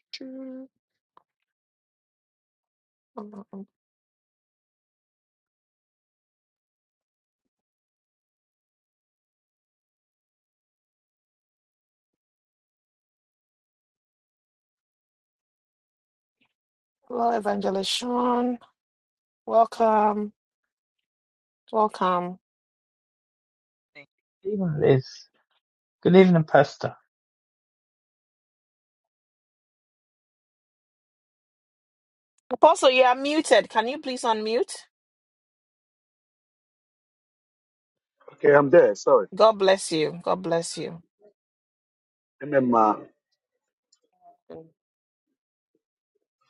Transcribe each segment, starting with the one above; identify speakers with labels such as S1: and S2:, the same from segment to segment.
S1: Hello, Evangelist Sean. Welcome. Welcome.
S2: evening, Liz. Good evening, Pastor.
S1: Apostle, you are muted. Can you please unmute?
S3: Okay, I'm there. Sorry.
S1: God bless you. God bless you.
S3: Amen. ma.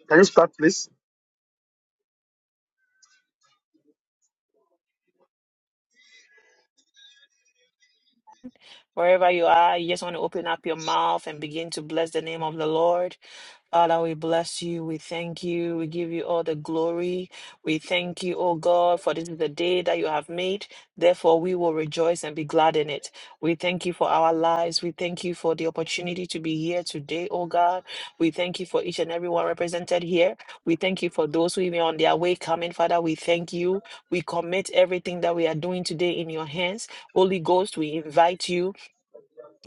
S3: Can you start, please?
S1: Wherever you are, you just want to open up your mouth and begin to bless the name of the Lord. Father, we bless you. We thank you. We give you all the glory. We thank you, O God, for this is the day that you have made. Therefore, we will rejoice and be glad in it. We thank you for our lives. We thank you for the opportunity to be here today, O God. We thank you for each and everyone represented here. We thank you for those who even on their way coming, Father. We thank you. We commit everything that we are doing today in your hands. Holy Ghost, we invite you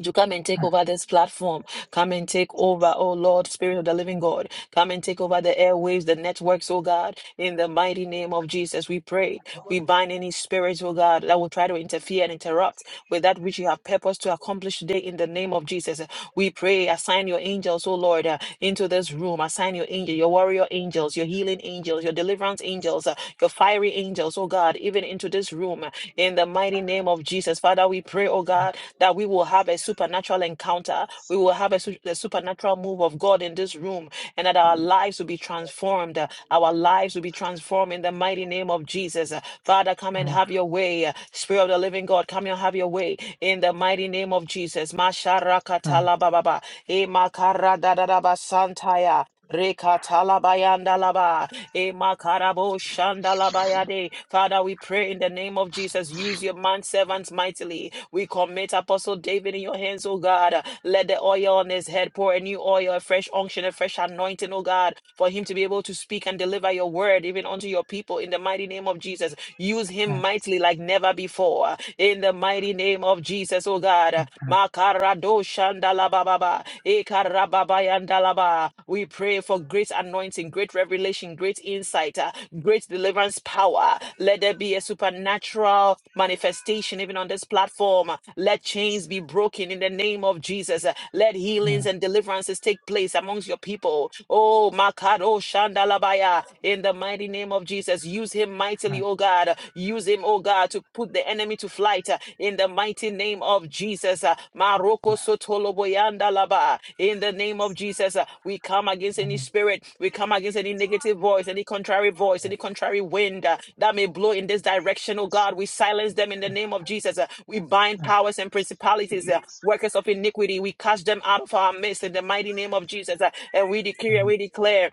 S1: to come and take over this platform. Come and take over, oh Lord, Spirit of the Living God. Come and take over the airwaves, the networks, oh God. In the mighty name of Jesus, we pray. We bind any spirits, oh God, that will try to interfere and interrupt with that which you have purposed to accomplish today in the name of Jesus. We pray, assign your angels, oh Lord, uh, into this room. Assign your angel, your warrior angels, your healing angels, your deliverance angels, uh, your fiery angels, oh God, even into this room uh, in the mighty name of Jesus. Father, we pray, oh God, that we will have a supernatural encounter. We will have a, su- a supernatural move of God in this room and that our lives will be transformed. uh, Our lives will be transformed in the mighty name of Jesus. Uh, Father, come and have your way today. Spirit of the living God, come and have your way in the mighty name of Jesus. Masharakatalababa. Emakaradadadabasantaya. Rekatalabayandalaba. Emakarabushndalabayade. Father, we pray in the name of Jesus. Use your man servants mightily. We commit Apostle David in your hands, O God. Let the oil on his head pour a new oil, a fresh unction, a fresh anointing, O God, for him to be able to speak and deliver your word even unto your people in the mighty name of of Jesus. Use him mightily like never before. In the mighty name of Jesus, oh God. Makarado shandalabababa, ekarababayandalaba. We pray for great anointing, great revelation, great insight, uh, great deliverance power. Let there be a supernatural manifestation even on this platform. Let chains be broken in the name of Jesus. Let healings and deliverances take place amongst your people. Oh, Makaro Shandalabaya, in the mighty name of Jesus. Use him mightily, oh God. Use him, oh God, to put the enemy to flight uh, in the mighty name of Jesus. uh, Maroko Sotoloboyanda Laba. uh, In the name of Jesus, uh, we come against any spirit, we come against any negative voice, any contrary voice, any contrary wind uh, that may blow in this direction, oh God. We silence them in the name of Jesus. uh, We bind powers and principalities, uh, workers of iniquity. We cast them out of our midst in the mighty name of Jesus. uh, And we declare. we declare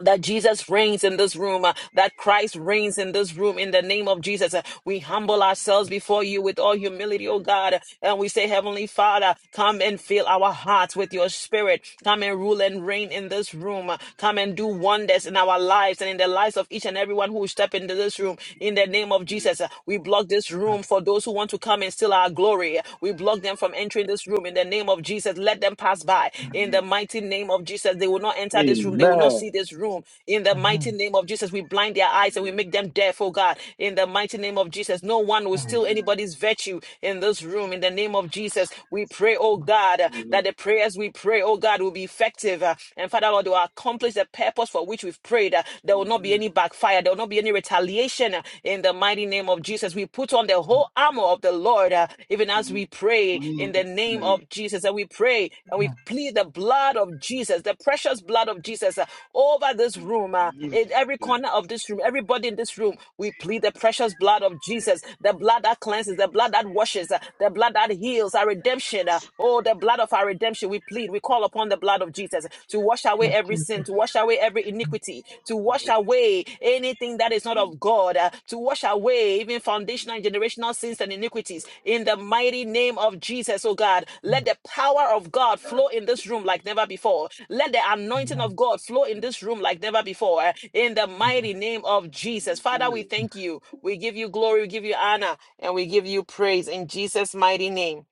S1: that Jesus reigns in this room, uh, that Christ reigns in this room in the name of Jesus. Uh, we humble ourselves before you with all humility, oh God, uh, and we say, Heavenly Father, come and fill our hearts with your spirit. Come and rule and reign in this room. Uh, Come and do wonders in our lives and in the lives of each and everyone who will step into this room in the name of Jesus. Uh, we block this room for those who want to come and steal our glory. Uh, We block them from entering this room in room in the name of Jesus. Let them pass by in the mighty name of Jesus. They will not enter this room. They will not
S3: Amen.
S1: see this room in the mighty name of Jesus. We blind their eyes and we make them deaf, oh God, in the mighty name of Jesus. No one will steal anybody's virtue in this room in the name of Jesus. We pray, oh God, uh, that the prayers we pray, oh God, will be effective. uh, And Father Lord, they will accomplish the purpose for which we've prayed. uh, There will not be any backfire. There will not be any retaliation uh, in the mighty name of Jesus. We put on the whole armor of the Lord, uh, even as we pray in the name of Jesus. And we pray and we plead the blood of Jesus, the precious blood of Jesus uh, over this room, uh, in every corner of this room, everybody in this room. We plead the precious blood of Jesus, the blood that cleanses, the blood that washes, uh, the blood that heals our redemption. uh, oh, the blood of our redemption. We plead, we call upon the blood of Jesus to wash away
S2: But
S1: every sin, to
S2: Jesus.
S1: wash away every iniquity, to wash away anything that is not of God, uh, to wash away even foundational and generational sins and iniquities. In the mighty name of Jesus, oh God, let the power of God flow in this room like never before. Let the anointing of God flow in this room like never before. uh, In the mighty name of Jesus. Father, we thank you. We give you glory, we give you honor, and we give you praise in Jesus' mighty name.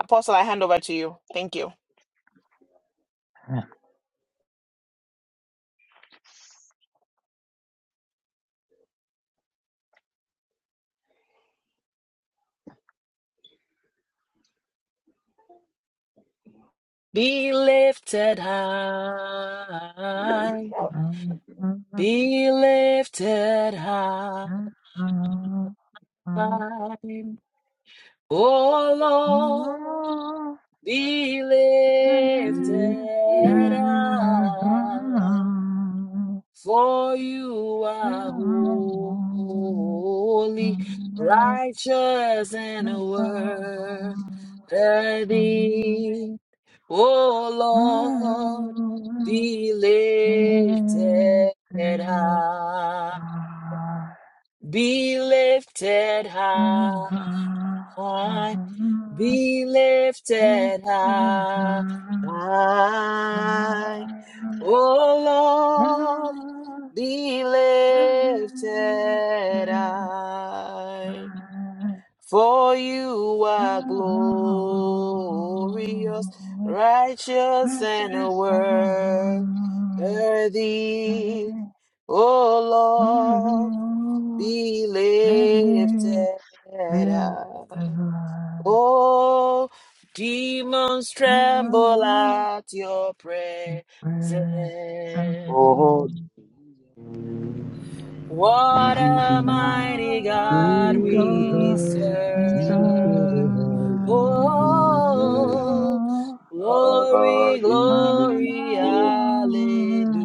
S1: Apostle, I hand over to you. Thank you. Be lifted high, be lifted high, oh Lord, be lifted high, For you are holy, righteous, and
S2: Thank
S1: worthy. O Lord, be lifted high, be lifted high, be lifted high. O be lifted high. For you are glorious, righteous, and worthy.
S2: you. I
S1: O Lord,
S2: know
S1: be
S2: we live
S1: lifted
S2: this
S1: high.
S2: life
S1: Oh, demons
S2: in a
S1: tremble
S2: world
S1: at your presence.
S2: where
S3: Oh,
S2: somebody
S1: What a mighty God we
S2: God is
S1: serve.
S2: all.
S1: Oh, glory,
S2: I
S1: glory,
S2: know
S1: hallelujah.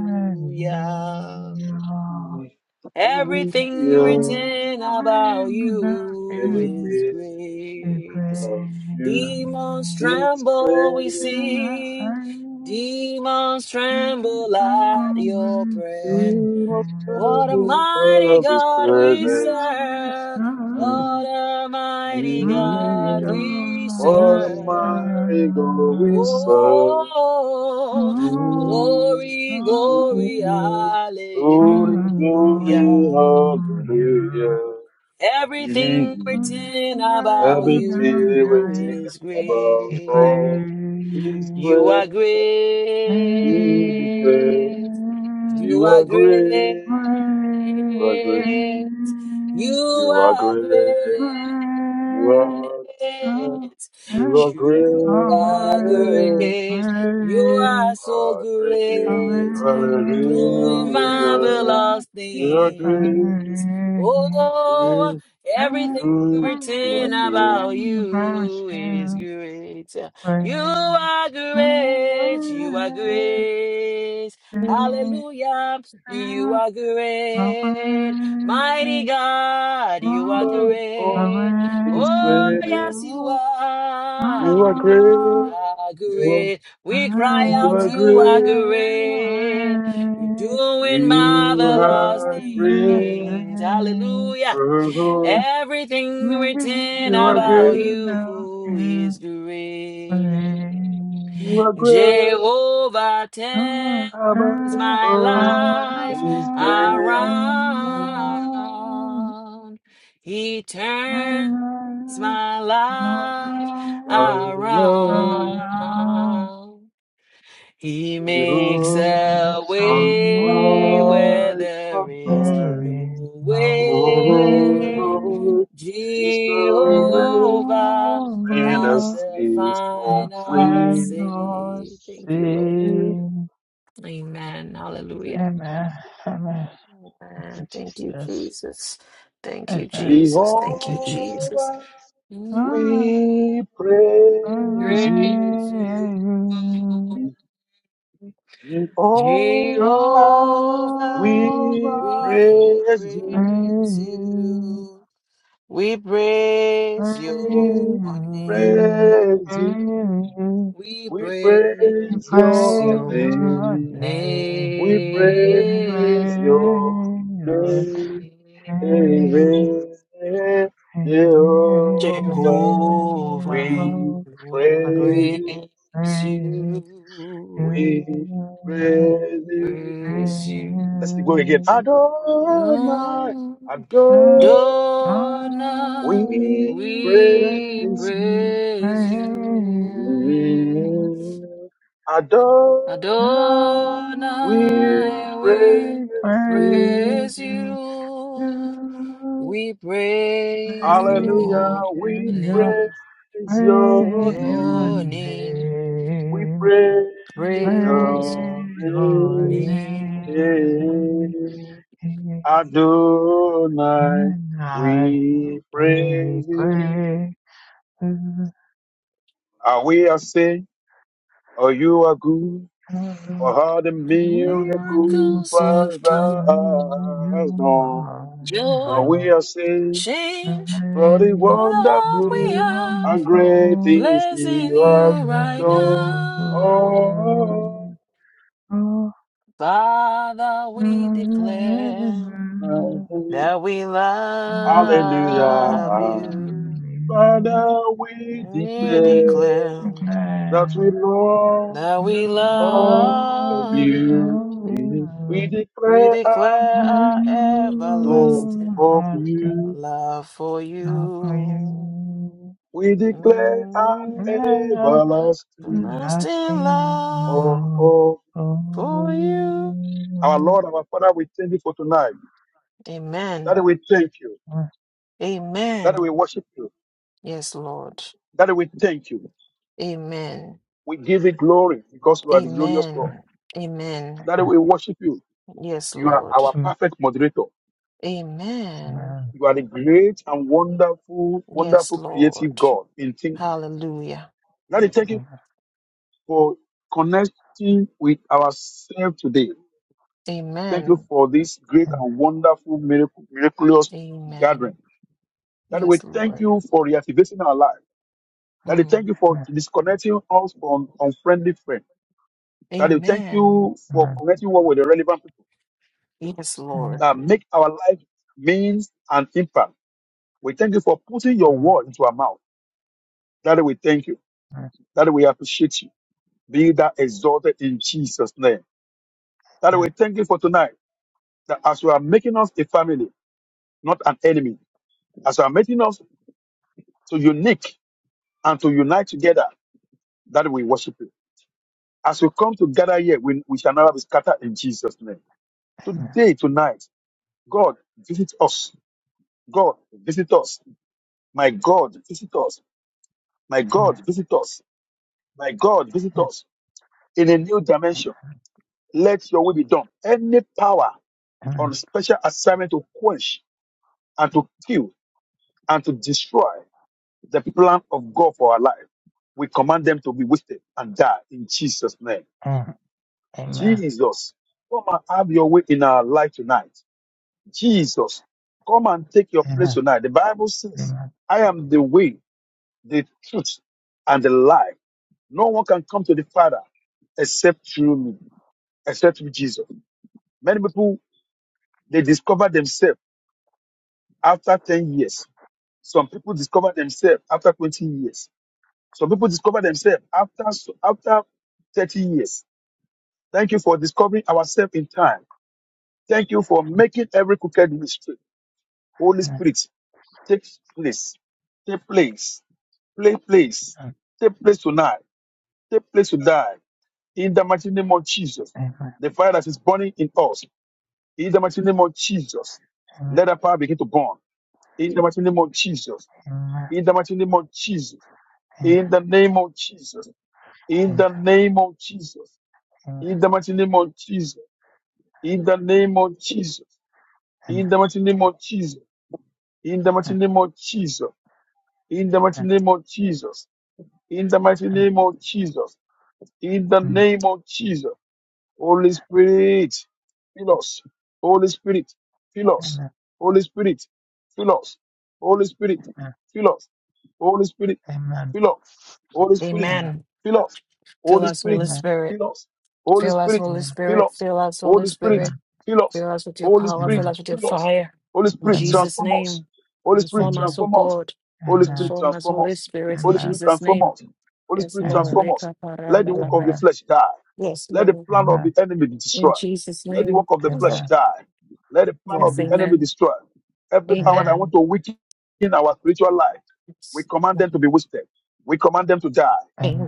S2: we are
S3: Hallelujah.
S1: Everything
S2: singing
S1: written about
S2: about
S1: you
S2: you
S1: is
S3: Everything
S2: to
S1: great.
S3: about
S2: praise
S3: you
S1: Demons
S3: is
S1: tremble, we
S3: great.
S1: sing.
S2: you.
S1: Demons tremble
S2: There's a
S1: at your
S2: moment of
S1: presence.
S3: Sing of
S1: What a
S2: pain.
S3: service
S1: mighty
S3: of His
S1: God we
S2: You
S3: presence.
S1: serve. What
S2: restore
S1: a mighty
S2: my
S1: God
S3: Mm-hmm.
S1: we
S3: What a
S2: honest
S1: serve.
S3: mighty God we
S2: heart.
S3: serve.
S1: Oh,
S2: Oh,
S1: glory,
S3: Mm-hmm.
S1: glory,
S2: Lord,
S1: hallelujah.
S3: Glory, glory,
S2: hallelujah.
S3: hallelujah.
S1: Everything
S3: Mm-hmm.
S1: written
S3: A
S1: about
S2: Lingering about
S3: victory
S1: you
S3: waiting
S2: night
S1: is
S3: above
S2: is
S1: great.
S3: all. He's
S2: great.
S1: You
S3: great.
S1: are
S3: He is great.
S1: great. You
S3: You
S1: are
S3: are
S1: great.
S3: great. You
S2: Where,
S3: are great.
S1: You
S3: You are
S1: are
S3: great.
S1: great.
S3: You
S2: where,
S3: are great.
S2: Oh,
S3: You
S2: eh,
S3: are
S1: You
S3: great.
S1: are
S2: oh, eh,
S1: great. You
S2: eh,
S1: are so
S3: Are great.
S2: eh,
S1: great. You're doing
S3: Hallelujah.
S1: marvelous
S3: You are
S1: things.
S3: great.
S1: Oh,
S3: You,
S2: eh, eh,
S1: everything
S3: you you are
S1: written
S3: great.
S1: about
S2: eh, about
S1: you is
S2: you,
S1: great.
S2: eh.
S1: You are
S2: oh,
S1: great. You are
S2: eh,
S1: great.
S2: eh,
S1: Hallelujah.
S2: eh,
S1: You are
S2: oh,
S1: great. Mighty
S2: eh, oh,
S1: God, you are
S2: oh,
S3: Above all,
S1: great.
S3: he's
S1: Oh,
S2: Away,
S3: great.
S1: yes, you
S2: oh,
S1: are.
S3: You are
S1: You
S3: great.
S2: oh,
S1: are
S3: You are,
S1: great.
S2: My
S1: We cry
S3: you
S1: out,
S3: are
S1: you are
S3: great.
S2: life
S1: great. You're
S2: around
S1: doing
S3: You
S1: marvelous
S3: are great.
S1: things. Hallelujah.
S3: Oh,
S1: Everything written
S3: you are
S1: about
S3: great.
S1: you is great.
S3: You are great.
S1: Jehovah
S3: About
S1: turns my
S3: all
S1: life
S3: these great.
S1: around. He turns my life
S3: Allah,
S1: around. He makes
S3: you are
S2: in
S1: a
S3: on
S2: some
S1: way
S2: way.
S1: where
S3: high
S1: there is
S3: above.
S2: There is
S1: no
S2: no
S1: way.
S2: way
S3: Oh, is the way.
S1: Jehovah
S2: beyond
S3: When the
S1: has the
S3: seas
S2: the
S3: roll,
S1: final
S3: we
S2: final
S1: say. Thank you, Lord.
S3: sing.
S2: scene.
S1: Amen. Hallelujah.
S2: Amen. Amen. Thank you,
S1: Amen. Thank you,
S2: Jesus.
S1: Jesus. Thank you,
S2: Amen.
S1: Jesus. Thank you,
S2: Thank you,
S1: Jesus.
S2: Jesus.
S3: Jehovah,
S1: Mm,
S2: Ah,
S3: we praise you.
S1: Praise you,
S2: amen.
S3: Jehovah,
S1: Jehovah.
S3: we
S2: Jehovah,
S1: We
S3: praise you.
S2: praise
S1: praise
S2: you,
S1: you. We praise
S2: praise
S1: your
S3: We
S1: name.
S2: you,
S3: praise
S2: praise
S3: you.
S2: you.
S1: We
S3: We
S2: You
S3: praise
S1: praise
S3: your
S2: praise
S1: your
S2: your
S3: name.
S2: name,
S3: We
S1: name,
S3: praise your
S2: praise your
S3: name,
S2: name, Lord. praise you, praise your
S3: Jehovah.
S1: Jehovah.
S3: We
S1: We
S3: praise you.
S1: praise
S2: name,
S1: you,
S3: We praise you.
S1: praise you.
S3: Let's go again. Adonai,
S2: I
S3: Adonai.
S1: Donna,
S3: We
S2: praise
S1: we
S3: praise you.
S1: praise you.
S2: you,
S3: Adonai,
S2: Lord.
S3: we
S1: Adonai, we
S2: I
S3: praise you.
S1: praise
S2: praise
S1: you.
S2: you.
S1: We praise
S2: Praise
S3: Hallelujah.
S1: your
S3: We
S2: your,
S3: praise
S1: name,
S3: your
S2: praise your
S1: your
S3: name.
S1: name,
S3: We
S2: name,
S3: praise
S2: praise
S1: praise
S3: your
S1: your
S2: your
S3: name.
S1: name.
S2: name,
S3: Eh, Adonai.
S2: and I
S3: We
S2: we
S3: praise you.
S2: pray to
S3: Are we are saying, oh, you are good.
S2: the
S3: For all the miracles
S1: Miracles you've
S2: Lord
S1: done,
S3: Father has done. Are
S1: joy,
S3: we are saying,
S1: change,
S3: For the
S1: and all that we
S3: wonderful
S1: have,
S3: and great things
S1: blessing
S3: you have
S1: you right
S3: done.
S1: now.
S3: Oh,
S2: of
S1: Father,
S2: Lasting love
S1: we
S2: for
S1: declare that we
S2: you,
S1: love
S3: hallelujah.
S1: you.
S3: Father, we
S1: We
S3: declare
S1: declare.
S3: that we love
S1: Now we
S3: all of
S1: love
S3: you.
S1: you.
S3: We
S1: We
S3: declare and
S1: declare our
S3: love
S1: everlasting
S3: of you.
S1: love for you.
S3: We declare an
S1: Mm,
S2: lasting
S3: everlasting
S1: Everlasting love
S3: of of
S1: for you.
S3: Our Lord, our Father, we thank you for tonight.
S1: Amen.
S3: That we thank you. Daddy, we
S1: Amen.
S3: worship you.
S1: Yes, Lord.
S3: Daddy, we thank you.
S1: Amen.
S3: We give you glory because you are the glorious God.
S1: Amen. Amen.
S3: Daddy, we worship you.
S1: Yes,
S3: You are
S1: Lord.
S3: our perfect moderator.
S1: Amen.
S3: You are the great and wonderful,
S1: Yes,
S3: wonderful creative
S1: Lord.
S3: God in thinking.
S1: Hallelujah.
S3: Daddy, thank you for connecting with ourselves today. Thank you
S1: Amen.
S3: for this great and wonderful, miracle, miraculous gathering.
S1: Amen.
S3: Daddy, we
S1: Yes,
S3: thank
S1: Lord.
S3: you for reactivating our life. Daddy, thank
S1: Mm.
S3: you for disconnecting us from unfriendly friends. Daddy, we thank
S1: Amen.
S3: you for connecting us with the relevant people
S1: Yes, Lord.
S3: that make our life means and impact. We thank you for putting your
S2: love
S3: word into our mouth. Daddy, we thank you. Daddy, we appreciate you. Be that exalted in Jesus' name.
S2: for
S3: Daddy,
S2: you.
S3: we thank you for tonight that as you are making us a family, not an enemy, as you are making us to unique and to unite together, that we worship you. As we come together here, we, we shall never be scattered in Jesus' name.
S2: Amen.
S3: Today, tonight, God, visit us. God, visit us My God, visit us. My God,
S2: Amen.
S3: visit us. My God, visit us in a new dimension. Let your will be done. Any power
S2: Amen.
S3: on special assignment to quench and to kill and to destroy the plan of God for our life, we command them to be wasted and die in Jesus' name.
S2: Amen.
S3: Jesus, come and have your way in our life tonight. Jesus, come and take your place tonight. The Bible says, I am the way, the truth, and the life. No one can come to the Father except through me, except through Jesus. Many people, they discover themselves after 10 years. Some people discover themselves after 20 years. Some people discover themselves after, after 30 years. Thank you for discovering ourselves in time. Thank you for making every crooked mystery. Holy Spirit, take place, take place, play place, take place tonight, take place to die. In the mighty name of Jesus, the fire that is burning in us In the mighty name of Jesus, let that power begin to burn. In the mighty name of Jesus. In the mighty name of Jesus. In the name of Jesus. In the name of Jesus. In the mighty name of Jesus. In the name of Jesus. In the mighty name of Jesus. In the mighty name of Jesus. In the mighty name of Jesus. In the mighty name of Jesus. In the name of Jesus. Holy Spirit, fill us. Holy Spirit, fill us. Holy Spirit, fill us. Holy Spirit, fill us. Holy Spirit, fill us. Holy Spirit,
S1: Amen.
S3: fill us.
S1: Fill
S3: Holy
S1: us,
S3: Spirit,
S1: Holy Spirit.
S3: fill us. Holy
S1: Fill us,
S3: Spirit,
S1: Holy
S3: fill
S1: Spirit.
S3: us.
S1: Fill us, Holy
S3: Holy Spirit,
S1: Spirit.
S3: fill us.
S1: Fill us with your
S3: Holy
S1: power.
S3: Spirit,
S1: Fill us with your
S3: fill us.
S1: fire.
S3: Holy
S1: In
S3: Spirit,
S1: Jesus'
S3: transform us.
S1: name.
S3: Holy Spirit,
S1: Transform us, O
S3: transform us.
S1: God.
S3: Holy Spirit,
S1: Transform us,
S3: transform
S1: Holy
S3: us.
S1: Spirit, in
S3: Holy Spirit,
S1: Jesus'
S3: transform
S1: name.
S3: us. Holy
S1: Yes,
S3: Spirit,
S1: Lord.
S3: transform us. Let the work of the
S1: Rekaparandalabaya.
S3: flesh die.
S1: Yes,
S3: Let the
S1: Lord.
S3: plan of the enemy be
S1: In
S3: destroyed.
S1: Jesus'
S3: Let the work
S1: name.
S3: of the
S1: Yes,
S3: flesh
S1: Lord.
S3: die. Let the plan of
S1: Yes,
S3: the enemy
S1: amen.
S3: destroy. Every power that want
S1: Amen.
S3: to weaken our spiritual life, we
S1: Yes.
S3: command them to
S1: Amen.
S3: be wasted. We command them to die.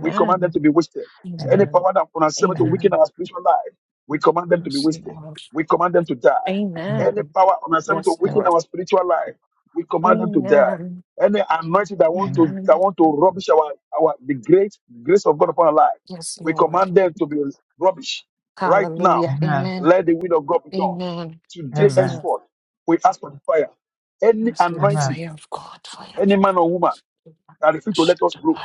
S3: We command them to be wasted. Any
S1: Amen.
S3: power that wants to to weaken
S1: Amen.
S3: our spiritual life, we command them to be
S1: Yes,
S3: wasted.
S1: Lord.
S3: We command them to die. Any
S1: Amen.
S3: power on assignment to
S1: Yes,
S3: weaken
S1: Lord.
S3: our spiritual life, we command them to die.
S1: Amen.
S3: Any anointing that want to that
S1: Amen.
S3: want to rubbish our our the great grace of God upon our life,
S1: Yes,
S3: we
S1: Lord.
S3: command them to be rubbish right now.
S1: Hallelujah. Amen.
S3: Let the will of God be done
S1: Amen.
S3: today
S1: Yes, Lord.
S3: henceforth. We ask for the fire. Any
S1: Yes, Lord.
S3: anointing,
S1: Fire of God. Fire of
S3: any
S1: God.
S3: man or woman that refuse to let us grow,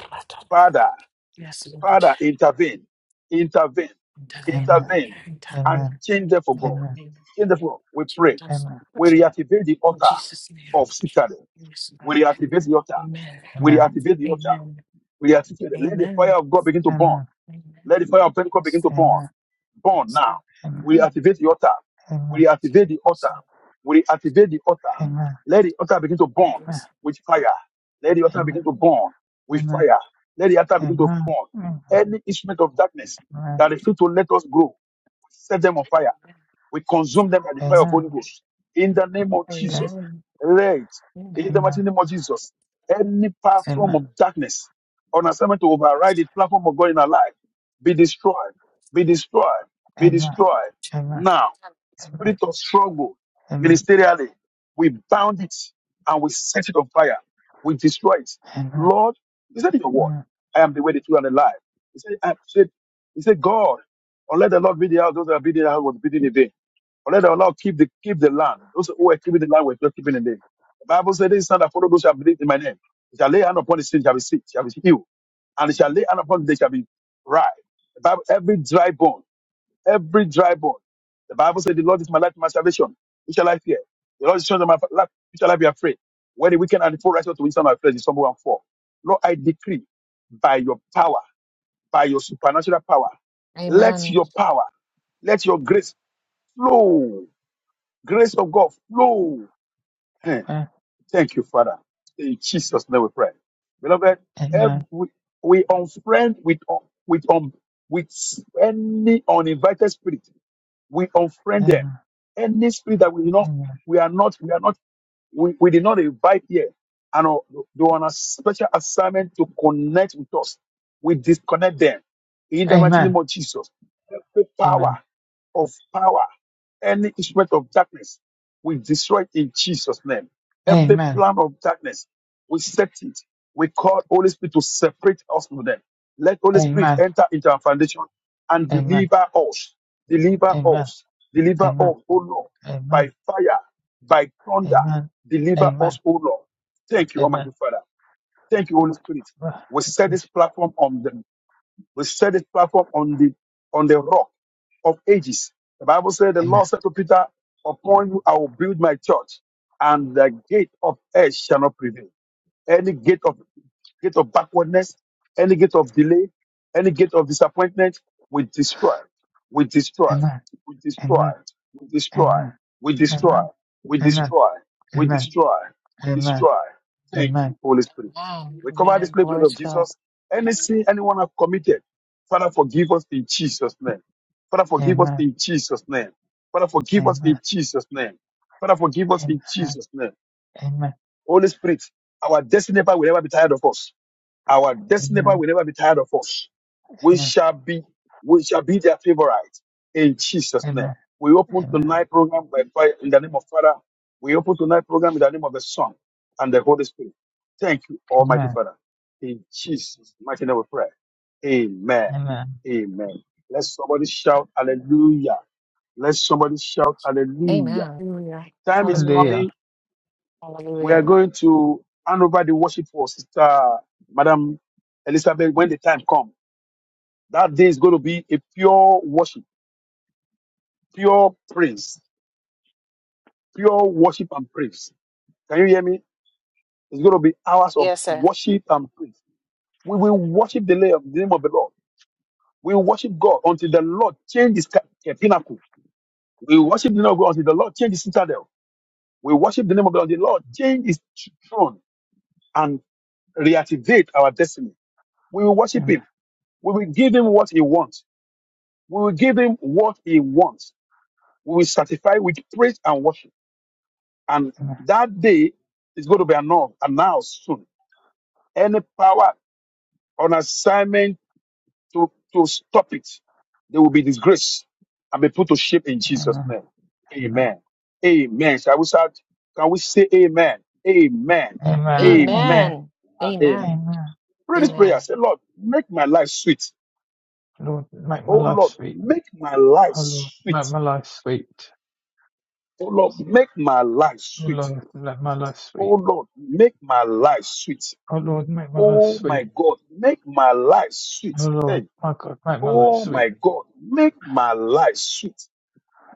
S3: Father,
S1: Yes, Lord.
S3: Father, intervene, intervene,
S1: Intervene, Lord.
S3: intervene, and
S2: Amen.
S1: Intervene.
S3: change them for God.
S2: Amen.
S1: Intervene.
S3: Change them for God. We
S1: Jesus,
S3: pray.
S2: Amen.
S1: Lord.
S3: We reactivate the
S1: In
S3: altar
S1: Jesus' name.
S3: of Sitare.
S1: Yes,
S3: We
S1: Lord.
S3: reactivate the altar.
S1: Amen.
S3: We
S2: Amen.
S3: reactivate the altar.
S1: Amen.
S3: We reactivate it. Let the fire
S1: Amen.
S3: of God begin to burn.
S2: Amen.
S1: Amen.
S3: Let the fire of Pentecost
S1: Yes,
S3: begin to
S1: Lord.
S2: Amen.
S3: burn. Born
S1: Yes,
S3: now.
S1: Lord.
S2: Amen.
S3: We
S1: Amen.
S3: activate the altar. We
S2: Amen.
S3: activate the altar. We activate the altar.
S2: Amen.
S3: Let the altar begin to
S1: Yes,
S3: burn
S1: Lord.
S3: with fire. Let the altar
S1: Amen.
S2: Amen.
S3: begin to burn with
S2: Amen.
S3: fire. Let the altar
S2: Amen. Amen.
S3: begin to
S2: Amen.
S3: burn. Any instrument of darkness that refuse to let us grow, set them on fire. We consume them by the fire of
S2: Amen.
S3: Holy Ghost. In the name of Jesus.
S2: Amen.
S1: Amen.
S3: Let, in the mighty
S2: Amen.
S3: name of Jesus, any platform of darkness on assignment to override the platform of God in our life be destroyed, be destroyed, be
S2: Amen. Amen.
S3: destroyed.
S2: Amen. Amen.
S3: Now, spirit of struggle, ministerially, we bound it and we set it on fire. We destroy it.
S2: Amen. Amen. Amen. Amen. Amen. Amen. Amen.
S3: Lord, you said in your word, I am the way, the truth, and the life. He said, I said, he said, God, unless the Lord be the house, those that are building the house will be building in vain. But let the Lord keep the keep the land. Those who are keeping the land were just keeping the name. The Bible said, "This is not that follow those who have believed in my name. They shall lay hand upon the sick, shall be sick, shall be healed, and they shall lay hand upon they shall be right." The Bible, every dry bone, every dry bone. The Bible said, "The Lord is my light, my salvation. Who shall I fear? The Lord is the strength of my life. Who shall I be afraid? When the wicked and the poor rise up to withstand my flesh is stumble and fall." Lord, I decree by your power, by your supernatural power,
S1: Amen.
S3: let
S1: Amen.
S3: your power, let your grace flow Grace of God flow. Eh, Thank you, Father. In Jesus' name we pray. Beloved, every, we unfriend with un- with um with any uninvited spirit. We unfriend them. Any spirit that we not we are not we are not we, we did not invite here. And uh, they were on a special assignment to connect with us. We disconnect them. In the mighty name of Jesus, every
S2: Amen.
S3: power
S2: Amen.
S3: of power, any instrument of darkness, we destroy it in Jesus' name.
S2: Amen. Amen. Amen. Amen. Amen. Amen. Amen. Amen.
S3: Every
S2: Amen.
S3: plan of darkness, we set it. We call Holy Spirit to separate us from them. Let Holy Spirit enter into our foundation and deliver us, deliver us, deliver us, O Lord, by fire, by thunder, deliver us, O Lord. Thank you, Almighty Father. Thank you, Holy Spirit. We set this platform on the we set this platform on the on the rock of ages. The Bible said, the
S2: Amen.
S3: Lord said to Peter, Upon you I will build my church, and the gate of earth shall not prevail. Any gate of gate of backwardness, any gate of delay, any gate of disappointment, we destroy, we destroy,
S2: Amen. Amen.
S3: we destroy,
S2: Amen.
S3: we destroy,
S2: Amen.
S3: we destroy,
S2: Amen.
S3: we
S2: Amen.
S3: destroy, we
S2: Amen.
S3: destroy, we
S2: Amen.
S3: destroy. Thank you,
S2: Amen.
S3: Holy Spirit. We cover this
S1: Amen.
S3: blood
S1: Glory to
S3: of
S1: God.
S3: Jesus. Any sin anyone have committed, Father, forgive us in Jesus' name. Father, forgive us
S2: Amen.
S3: in Jesus' name. Father, forgive us in
S2: Amen.
S3: Jesus' name. Father, forgive us in
S2: Amen.
S3: Jesus' name.
S2: Amen.
S3: Holy Spirit, our destiny helper will never be tired of us. Our destiny helper
S2: Amen.
S3: will never be tired of us. We
S2: Amen.
S3: shall be, we shall be their favorite in Jesus' name.
S2: Amen.
S3: We open
S2: Amen.
S3: tonight program by fire in the name of Father. We open tonight program in the name of the Son and the Holy Spirit. Thank you, Almighty
S2: Amen.
S3: Father. In Jesus' mighty name we pray. Amen.
S2: Amen.
S3: Amen. Let somebody shout hallelujah. Let somebody shout hallelujah.
S1: Amen. Hallelujah.
S3: Time is
S1: Hallelujah.
S2: Hallelujah.
S3: coming we are
S1: Hallelujah.
S3: going to hand over the worship for Sister Madam Elizabeth when the time comes. That day is going to be a pure worship, pure praise, pure worship and praise. Can you hear me? It's going to be hours of
S1: Yes, sir.
S3: worship and praise. We will worship the la- the name of the Lord. We will worship God until the Lord changes the pinnacle. We will worship the name of God until the Lord changes his citadel. We will worship the name of the Lord. The Lord change his tr- throne and reactivate our destiny. We will worship
S2: Amen.
S3: him We will give him what he wants. We will give him what he wants. We will satisfy with praise and worship. And
S2: Amen.
S3: that day is going to be announced, announced soon. Any power on assignment to, to stop it, they will be disgraced and be put to shame in Jesus'
S2: Amen.
S3: name.
S2: Amen.
S3: Amen. Amen. Shall we start? Can we say amen? Amen.
S2: Amen.
S3: Amen.
S2: Amen.
S1: Amen.
S3: And amen.
S1: Amen.
S2: Amen.
S3: Pray this prayer.
S1: Amen.
S3: Say, Lord, make my life sweet.
S2: Lord, make my
S3: Oh
S2: life
S3: Lord,
S2: sweet.
S3: make my life
S2: Oh Lord,
S3: sweet.
S2: make my life sweet.
S3: Oh Lord, make my life
S2: Oh
S3: sweet.
S2: Lord, let my life
S3: Oh
S2: sweet.
S3: Lord, make my life sweet.
S2: Oh Lord, make my life
S3: Oh my
S2: sweet.
S3: God, make my life
S2: Oh
S3: sweet.
S2: Lord,
S3: Hey,
S2: my God, make my life
S3: oh
S2: sweet.
S3: my God, make my life sweet.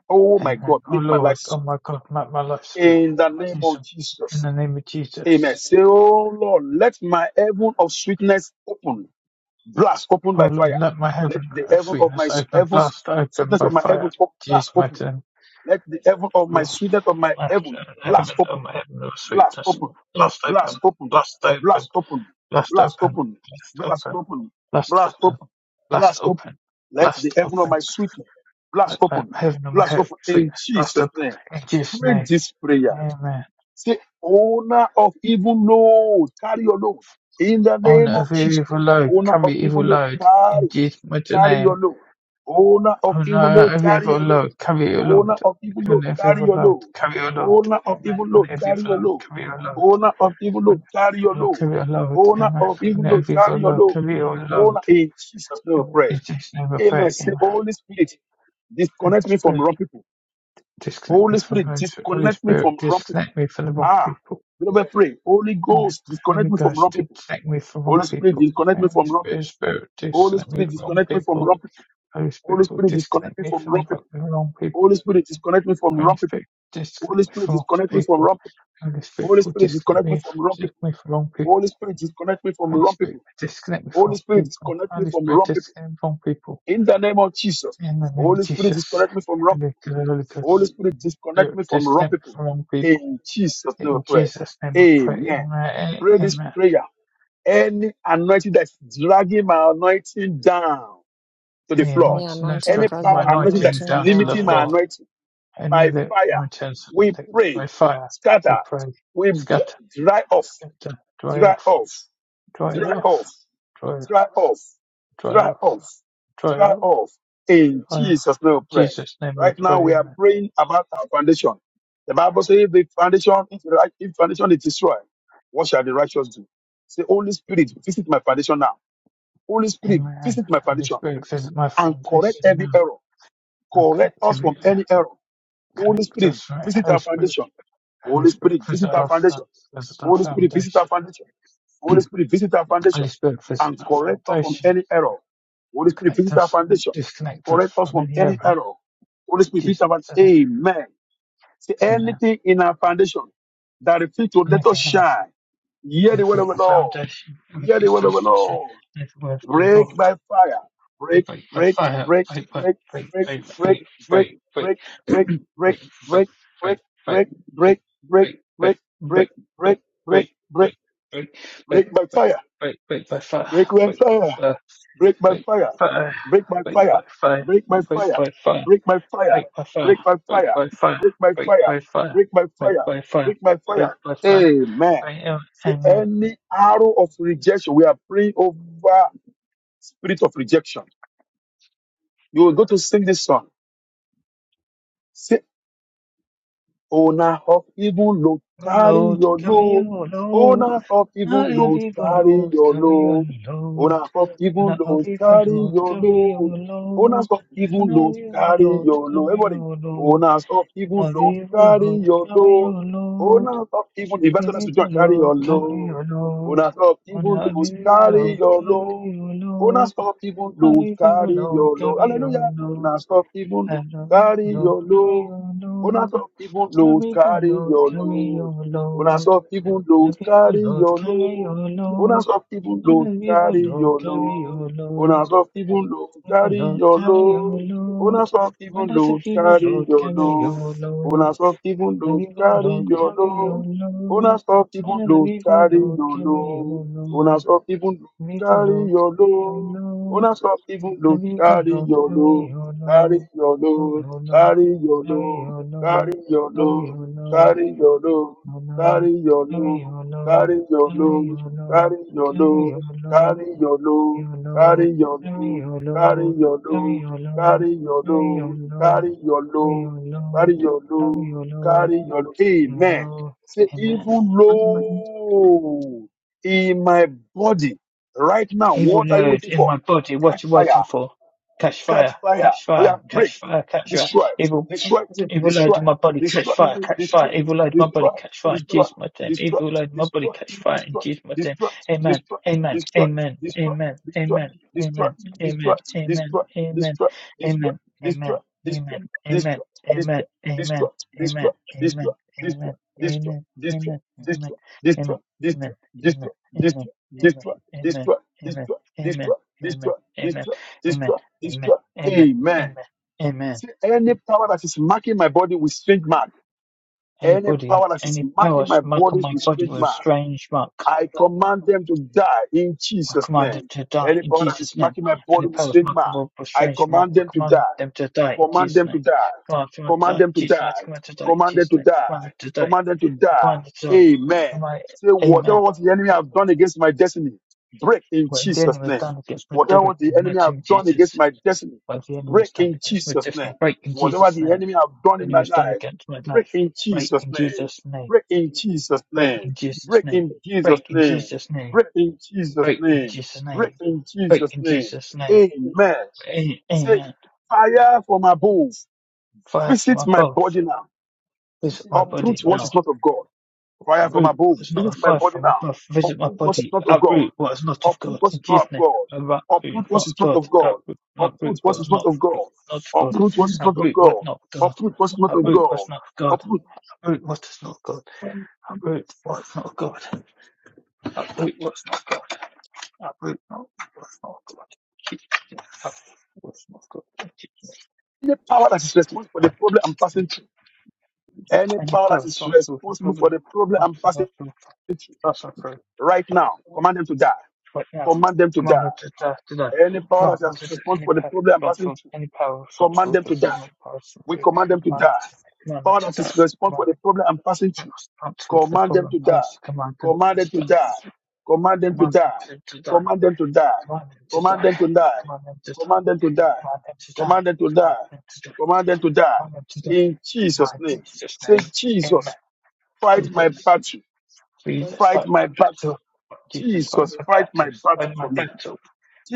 S3: Oh my
S2: Amen.
S3: God,
S2: Oh
S3: make my
S2: Lord,
S3: life
S2: oh
S3: sweet.
S2: my God, make my life sweet.
S3: In the name
S2: Jesus,
S3: of
S2: in
S3: Jesus.
S2: the name of
S3: Amen.
S2: Jesus.
S3: Say, oh Lord, let my heaven of sweetness open. Blast open
S2: Oh
S3: by
S2: Lord,
S3: fire.
S2: let my
S3: Let
S2: heaven
S3: the
S2: of
S3: heaven of my
S2: sweetness
S3: s-
S2: open,
S3: heavens,
S2: blast open
S3: sweetness
S2: by
S3: of my heaven
S2: fire.
S3: op- blast
S2: Jesus, my
S3: open.
S2: name.
S3: Let the heaven of
S2: Oh
S3: my
S2: Lord,
S3: sweetness of my
S2: let
S3: heaven
S2: my heaven,
S3: blast open.
S2: oh my heaven of
S3: Blast
S2: sweetness,
S3: open.
S2: blast
S3: Blast
S2: open,
S3: open.
S2: blast open,
S3: Blast open.
S2: blast
S3: Blast
S2: open,
S3: open.
S2: blast
S3: Blast
S2: open,
S3: open.
S2: blast
S3: Blast
S2: open,
S3: open.
S2: blast
S3: Blast open.
S2: open,
S3: Let the
S2: blast
S3: heaven of
S2: open.
S3: my sweet blast
S2: Let my
S3: open.
S2: heaven of my
S3: Blast
S2: heaven of
S3: open in
S2: sweetness blast
S3: Jesus'
S2: open.
S3: name.
S2: In Jesus'
S3: Pray
S2: name,
S3: this prayer.
S2: Amen.
S3: Say, owner of evil load, carry your load. In the
S2: On
S3: name of
S2: every
S3: Jesus,
S2: evil load,
S3: owner of
S2: carry
S3: evil
S2: evil
S3: load,
S2: load. In
S3: carry,
S2: Jesus' mighty
S3: carry
S2: name.
S3: your load. Owner of
S2: Oh no,
S3: evil load,
S2: every
S3: carry
S2: evil
S3: your load.
S2: load, carry your load.
S3: Owner of evil
S2: On
S3: load,
S2: every
S3: carry
S2: evil
S3: your
S2: load,
S3: load.
S2: carry your load.
S3: Owner of
S2: Amen.
S3: evil
S2: On
S3: load,
S2: every
S3: carry
S2: evil
S3: your
S2: load,
S3: load.
S2: carry your load.
S3: Owner of evil load,
S2: On
S3: carry your load.
S2: every evil load, carry your load.
S3: Owner
S2: Amen.
S3: of evil
S2: On
S3: load,
S2: every evil
S3: carry your
S2: load,
S3: load.
S2: carry your
S3: Owner
S2: load.
S3: in Jesus' name, we
S2: In
S3: pray.
S2: Jesus' name I
S3: Amen.
S2: pray.
S3: Say,
S2: Amen.
S3: Holy Spirit,
S2: Holy
S3: disconnect me from
S2: Spirit,
S3: wrong people.
S2: disconnect me
S3: Holy
S2: from
S3: Spirit,
S2: those. Holy
S3: disconnect me
S2: Spirit,
S3: from wrong people.
S2: disconnect me from the wrong
S3: Ah,
S2: people.
S3: we never pray. Holy
S2: Amen.
S3: Ghost,
S2: Holy
S3: disconnect me from
S2: Ghost,
S3: wrong people.
S2: disconnect me from wrong
S3: Holy Spirit,
S2: people.
S3: disconnect me
S2: Holy
S3: from wrong
S2: Spirit,
S3: people.
S2: Spirit,
S3: Holy
S2: disconnect me
S3: Spirit,
S2: from wrong
S3: disconnect me from
S2: people.
S3: wrong people.
S2: Holy Spirit,
S3: Holy Spirit, disconnect
S2: disconnect
S3: me
S2: me
S3: from
S2: from the
S3: wrong
S2: wrong
S3: people.
S2: the wrong people.
S3: Holy Spirit, disconnect me from
S2: Only
S3: wrong people.
S2: Spirit,
S3: Holy
S2: disconnect me
S3: Spirit,
S2: from false
S3: disconnect me from
S2: people.
S3: wrong people.
S2: Only Spirit,
S3: Holy
S2: for
S3: Spirit,
S2: disconnect
S3: disconnect me
S2: me,
S3: from wrong people.
S2: disconnect me from wrong
S3: Holy
S2: people.
S3: Spirit, disconnect me from
S2: Holy
S3: wrong
S2: Spirit,
S3: people.
S2: disconnect me
S3: Holy
S2: from
S3: Spirit,
S2: people.
S3: disconnect me
S2: Holy
S3: from
S2: Spirit,
S3: wrong people.
S2: disconnect me from people.
S3: In the name of Jesus.
S2: In the name of
S3: Holy Spirit,
S2: Jesus.
S3: disconnect me from wrong people.
S2: Holy Ghost, Holy
S3: Holy
S2: Ghost,
S3: Spirit, disconnect
S2: Spirit,
S3: me from wrong
S2: disconnect me
S3: people.
S2: from wrong people.
S3: In Jesus' name we
S2: In
S3: pray.
S2: Jesus' name we pray.
S3: Amen.
S2: Amen.
S3: Pray this
S2: Amen.
S3: prayer. Any anointing that's dragging my anointing down to the
S2: Any
S3: floor,
S1: Yeah,
S2: anointing that's
S1: mountain
S3: any
S2: dragging
S3: power
S2: my
S1: dragging, my
S3: anointing that
S2: anointing
S3: is
S1: mountain
S2: down to the
S3: limiting
S1: down.
S3: my
S2: floor.
S3: anointing
S2: Any
S3: by
S2: lip
S3: fire,
S2: anointings
S3: we pray,
S2: by fire, we
S3: scatter,
S2: pray.
S3: we dry
S2: Scatter,
S3: dry off,
S2: scatter, dry
S3: dry
S2: off,
S3: off,
S2: dry
S3: dry
S2: off,
S3: off
S2: dry off,
S3: dry off,
S2: dry
S3: dry
S2: off.
S3: off, dry
S2: triumph.
S3: off. In Jesus' name, we
S2: in
S3: pray.
S2: Jesus' name we
S3: Right
S2: pray.
S3: now, we are
S2: Amen.
S3: praying about our foundation. The Bible says, "If the foundation, if, the right- if foundation is destroyed, what shall the righteous do?" Say, "Holy Spirit, visit my foundation now. Holy Spirit,
S2: Amen.
S3: visit my
S2: Holy
S3: foundation
S2: Spirit, visit my
S3: and correct
S2: foundation
S3: every
S2: now.
S3: error.
S2: I'm
S3: Correct us
S2: connectivity
S3: from any
S2: you.
S3: error. Holy
S2: Connect
S3: Spirit,
S2: us, right?
S3: visit
S2: Holy
S3: our
S2: Spirit,
S3: foundation.
S2: Holy
S3: Holy Spirit,
S2: Spirit,
S3: visit
S2: visit
S3: our
S2: our, fo-
S3: foundation.
S2: visit our
S3: Holy Spirit, visit our
S2: foundation.
S3: foundation. Holy Spirit, visit our foundation
S2: Holy Spirit, visit
S3: and
S2: my
S3: correct us from
S2: foundation
S3: any error. Holy
S2: and
S3: Spirit,
S2: connect
S3: visit our
S2: us,
S3: foundation.
S2: disconnect us
S3: Correct us
S2: from
S3: from
S2: any
S3: any
S2: error.
S3: error. Holy
S2: In
S3: Spirit, visit
S2: Jesus'
S3: our
S2: name,
S3: Amen. See
S2: amen.
S3: anything in our foundation that reflects to let us
S2: Anything on our, fo-
S3: shine. Hear the word
S2: anything on
S3: of the
S2: our
S3: Lord.
S2: foundation, we
S3: Hear the
S2: refuse
S3: word
S2: to
S3: of the
S2: listen to,
S3: Lord.
S2: is the word of the
S3: Break
S2: Lord.
S3: by fire.
S2: Wait,
S3: Break,
S2: wait,
S3: break,
S2: fire,
S3: break,
S2: wait, wait,
S3: break,
S2: wait,
S3: break,
S2: wait, wait,
S3: break,
S2: wait,
S3: break,
S2: wait, wait, wait, wait,
S3: break, break,
S2: wait,
S3: break,
S2: wait, wait,
S3: break, break,
S2: wait, wait, wait, wait,
S3: break,
S2: wait,
S3: break, break, break, break, break, break, break,
S2: wait, wait,
S3: break by
S2: wait,
S3: fire.
S2: wait, by fire,
S3: Break by
S2: wait, by
S3: fire.
S2: fire,
S3: Break by
S2: wait,
S3: fire.
S2: by
S3: Break by
S2: fire, wait,
S3: fire.
S2: by fire,
S3: Break by
S2: wait,
S3: fire. Break by fire. Break by fire.
S2: by fire,
S3: Break by
S2: wait,
S3: fire.
S2: by fire, wait, by fire, wait, by fire, wait, by fire, wait,
S3: Break by fire. Break by fire.
S2: by fire,
S3: Amen.
S2: wait,
S3: Say
S2: by fire.
S3: any arrow of rejection. We are praying over spirit of rejection You will go to sing this song. Say, Owner of even load,
S2: Oh
S3: carry
S2: Lord,
S3: your
S2: cover you,
S3: load.
S2: oh Lord.
S3: Owner of
S2: Not
S3: even load,
S2: every for
S3: carry
S2: Lord,
S3: your
S2: cover you, oh
S3: load.
S2: Lord.
S3: Owner of even
S2: Not
S3: load,
S2: every for
S3: carry
S2: Lord,
S3: your
S2: cover you,
S3: load.
S2: oh Lord.
S3: Owners of
S2: Not
S3: even load,
S2: every for
S3: carry
S2: Lord,
S3: your load.
S2: cover you,
S3: Everybody.
S2: oh Lord.
S3: Owners of even load,
S2: Every for
S3: carry
S2: Lord,
S3: your
S2: cover you,
S3: load.
S2: oh Lord.
S3: Owners of even investors
S2: Every
S3: to
S2: for
S3: join, carry
S2: Lord,
S3: your
S2: cover you,
S3: load.
S2: oh Lord.
S3: Owners of
S2: Oh,
S3: even
S2: Not
S3: load,
S2: every for
S3: carry
S2: Lord,
S3: your
S2: cover
S3: load.
S2: you, oh Lord.
S3: Owners of even load,
S2: Every for
S3: carry
S2: Lord,
S3: your load.
S2: cover you,
S3: Hallelujah.
S2: oh Lord.
S3: Owners of even load,
S2: Every for
S3: carry
S2: Lord,
S3: your
S2: cover you,
S3: load.
S2: oh
S3: Una
S2: Lord.
S3: some even load,
S2: Every for
S3: carry
S2: Lord,
S3: your
S2: cover you,
S3: load.
S2: oh Lord.
S3: Una some even
S2: Honor
S3: load,
S2: be for
S3: carry
S2: Lord,
S3: your
S2: carry
S3: load.
S2: your
S3: Una
S2: load.
S3: some even
S2: Honor
S3: load,
S2: be for
S3: carry
S2: Lord,
S3: your
S2: carry
S3: load.
S2: your
S3: Una
S2: load.
S3: some even load,
S2: Be for
S3: carry
S2: Lord,
S3: your
S2: carry your
S3: load.
S2: load.
S3: Una some even
S2: Honor to
S3: load,
S2: be for
S3: carry
S2: Lord,
S3: your
S2: carry your
S3: load.
S2: load.
S3: Una some even
S2: Honor
S3: load,
S2: be for
S3: carry
S2: Lord,
S3: your
S2: carry
S3: load.
S2: your
S3: Una
S2: load.
S3: some even
S2: Honor
S3: load,
S2: be for
S3: carry your
S2: Lord, carry
S3: load.
S2: your
S3: Una
S2: load.
S3: some even load,
S2: Be for
S3: carry
S2: Lord,
S3: your
S2: carry your
S3: load.
S2: load.
S3: Una some even
S2: Honor
S3: load,
S2: be for
S3: carry
S2: Lord,
S3: your
S2: carry
S3: load.
S2: your
S3: Carry
S2: load.
S3: your
S2: Oh,
S3: load.
S2: your load,
S3: Carry your
S2: carry
S3: load.
S2: your
S3: Carry
S2: load,
S3: your
S2: carry
S3: load.
S2: your load.
S3: Carry your load.
S2: our load,
S3: Carry your
S2: carry
S3: load.
S2: our load,
S3: Carry your
S2: carry
S3: load.
S2: our load,
S3: Carry your
S2: carry our
S3: load.
S2: load,
S3: Carry your load.
S2: your load,
S3: Carry your
S2: carry
S3: load.
S2: your
S3: Carry
S2: load,
S3: your
S2: carry
S3: load.
S2: your load,
S3: Carry your
S2: carry your
S3: load.
S2: load,
S3: Carry your
S2: carry
S3: load.
S2: your load,
S3: Carry your
S2: carry
S3: load.
S2: your load,
S3: Carry your load.
S2: your
S3: Amen.
S2: load.
S3: Say
S2: Amen.
S3: evil load in my body right now.
S2: Evil
S3: What are you
S2: load
S3: waiting
S2: in
S3: for?
S2: my body,
S3: Catch
S2: what you
S3: fire.
S2: waiting for? Catch fire, catch fire, catch fire, catch fire. Evil
S3: destroy, destroy, destroy, destroy, destroy, destroy, destroy, destroy, destroy, destroy, destroy, destroy, destroy, destroy, destroy, destroy, destroy, destroy, destroy. Amen. See, any power that is marking my body with strange mark, any
S2: Anybody,
S3: power that is
S2: any power
S3: marking my
S2: mark
S3: body
S2: on my
S3: with
S2: body
S3: strange
S2: with a
S3: mark,
S2: strange mark,
S3: I command them to die in
S2: I
S3: Jesus'
S2: command them
S3: name.
S2: to die
S3: Any
S2: in
S3: power that is
S2: Jesus' name.
S3: marking my body
S2: Any
S3: with
S2: powers
S3: strange
S2: mark
S3: mark,
S2: on my body with a
S3: I
S2: strange mark,
S3: command
S2: I
S3: them to
S2: command
S3: die
S2: them to die in
S3: command
S2: Jesus'
S3: them to
S2: name.
S3: die,
S2: Command them to die
S3: command
S2: in
S3: them to
S2: Jesus' name. Command
S3: die,
S2: them to die in
S3: command them
S2: Jesus'
S3: to
S2: name. Command them
S3: die,
S2: to die.
S3: command them to die.
S2: Command them to die.
S3: Amen.
S2: Command,
S3: Say whatever
S2: amen.
S3: what the enemy have done against my destiny, break in
S2: When the
S3: Jesus'
S2: enemy is
S3: name.
S2: done against me,
S3: Whatever
S2: break
S3: what the
S2: in the
S3: enemy
S2: mighty name of
S3: have done against
S2: Jesus.
S3: my destiny,
S2: When the enemy is
S3: break
S2: done
S3: in
S2: against my
S3: Jesus'
S2: destiny,
S3: name.
S2: break in
S3: Whatever
S2: Jesus'
S3: the
S2: name.
S3: enemy have done
S2: When
S3: in
S2: he
S3: my
S2: was done
S3: life,
S2: against my
S3: break
S2: life,
S3: in
S2: break
S3: Jesus'
S2: in
S3: name.
S2: Jesus' name.
S3: Break in Jesus'
S2: Break in
S3: name.
S2: Jesus'
S3: Break
S2: name.
S3: in Jesus'
S2: Break in
S3: name.
S2: Jesus' name
S3: Break in Jesus'
S2: Right in
S3: name.
S2: Jesus'
S3: Break
S2: name.
S3: in
S2: Right
S3: Jesus'
S2: in
S3: name.
S2: Jesus' name.
S3: Amen.
S2: A-
S3: Say,
S2: Amen.
S3: fire from above,
S2: Fire from
S3: visit my
S2: above.
S3: body now.
S2: Visit my
S3: Uproot
S2: body
S3: what
S2: now.
S3: is not of God. Fire from
S2: Uproot
S3: above,
S2: what is not a
S3: visit my
S2: fire
S3: body
S2: from
S3: now.
S2: above. Visit my
S3: Uproot what is
S2: body.
S3: not of God.
S2: Uproot what is not of
S3: Uproot
S2: God.
S3: what is
S2: In
S3: not
S2: Jesus'
S3: of
S2: name.
S3: God.
S2: Uproot
S3: Uproot what
S2: not
S3: is
S2: of
S3: not
S2: God.
S3: of God.
S2: Uproot,
S3: Uproot
S2: uproot
S3: what
S2: what
S3: is
S2: is
S3: not
S2: not of
S3: of
S2: God.
S3: God.
S2: Not of God.
S3: Uproot what is not of
S2: Uproot what
S3: God.
S2: not of God.
S3: Uproot what is not of
S2: Uproot
S3: God.
S2: what's not of God.
S3: Uproot
S2: Uproot what is not of God. Uproot what's not of God. Uproot what's not of God. Uproot not what's not of God. Uproot what's not of God.
S3: any power that is responsible for the problem I'm passing through. Any
S2: Any
S3: power
S2: power
S3: that is
S2: responsible for
S3: responsible for
S2: problem
S3: the problem I'm passing
S2: responsible for us approach
S3: right now. Command them to die.
S2: right now.
S3: Command them to die.
S2: Commanded to die today.
S3: Any power that
S2: Commanded
S3: is
S2: to die.
S3: responsible
S2: Any
S3: for the
S2: power
S3: problem I'm passing
S2: responsible
S3: through.
S2: any power
S3: command
S2: responsible
S3: them
S2: for
S3: to die.
S2: problem powers
S3: We command them to
S2: commanded
S3: die.
S2: to commanded
S3: All
S2: to
S3: that
S2: die.
S3: is response
S2: Commanded to die.
S3: for the problem I'm passing through,
S2: Commander responsible for the
S3: command them
S2: problem
S3: to die.
S2: powers commanded
S3: Command
S2: to
S3: them to die.
S2: die.
S3: Command them to
S2: Commanded
S3: die.
S2: to, to die.
S3: Command them to die.
S2: Commanded to
S3: Command
S2: die.
S3: them to die.
S2: Commanded to die.
S3: Command them to die.
S2: Commanded to die.
S3: Command them to die.
S2: Commanded to die.
S3: Command them to die.
S2: Commanded to die.
S3: In Jesus'
S2: My
S3: name.
S2: Jesus name.
S3: Say,
S2: Amen.
S3: Jesus, fight my
S2: Jesus.
S3: battle.
S2: Jesus,
S3: Fight
S2: fight my
S3: my battle.
S2: battle. Jesus, fight
S3: Jesus,
S2: my
S3: fight
S2: battle.
S3: my battle
S2: Fight my
S3: for me.
S2: battle.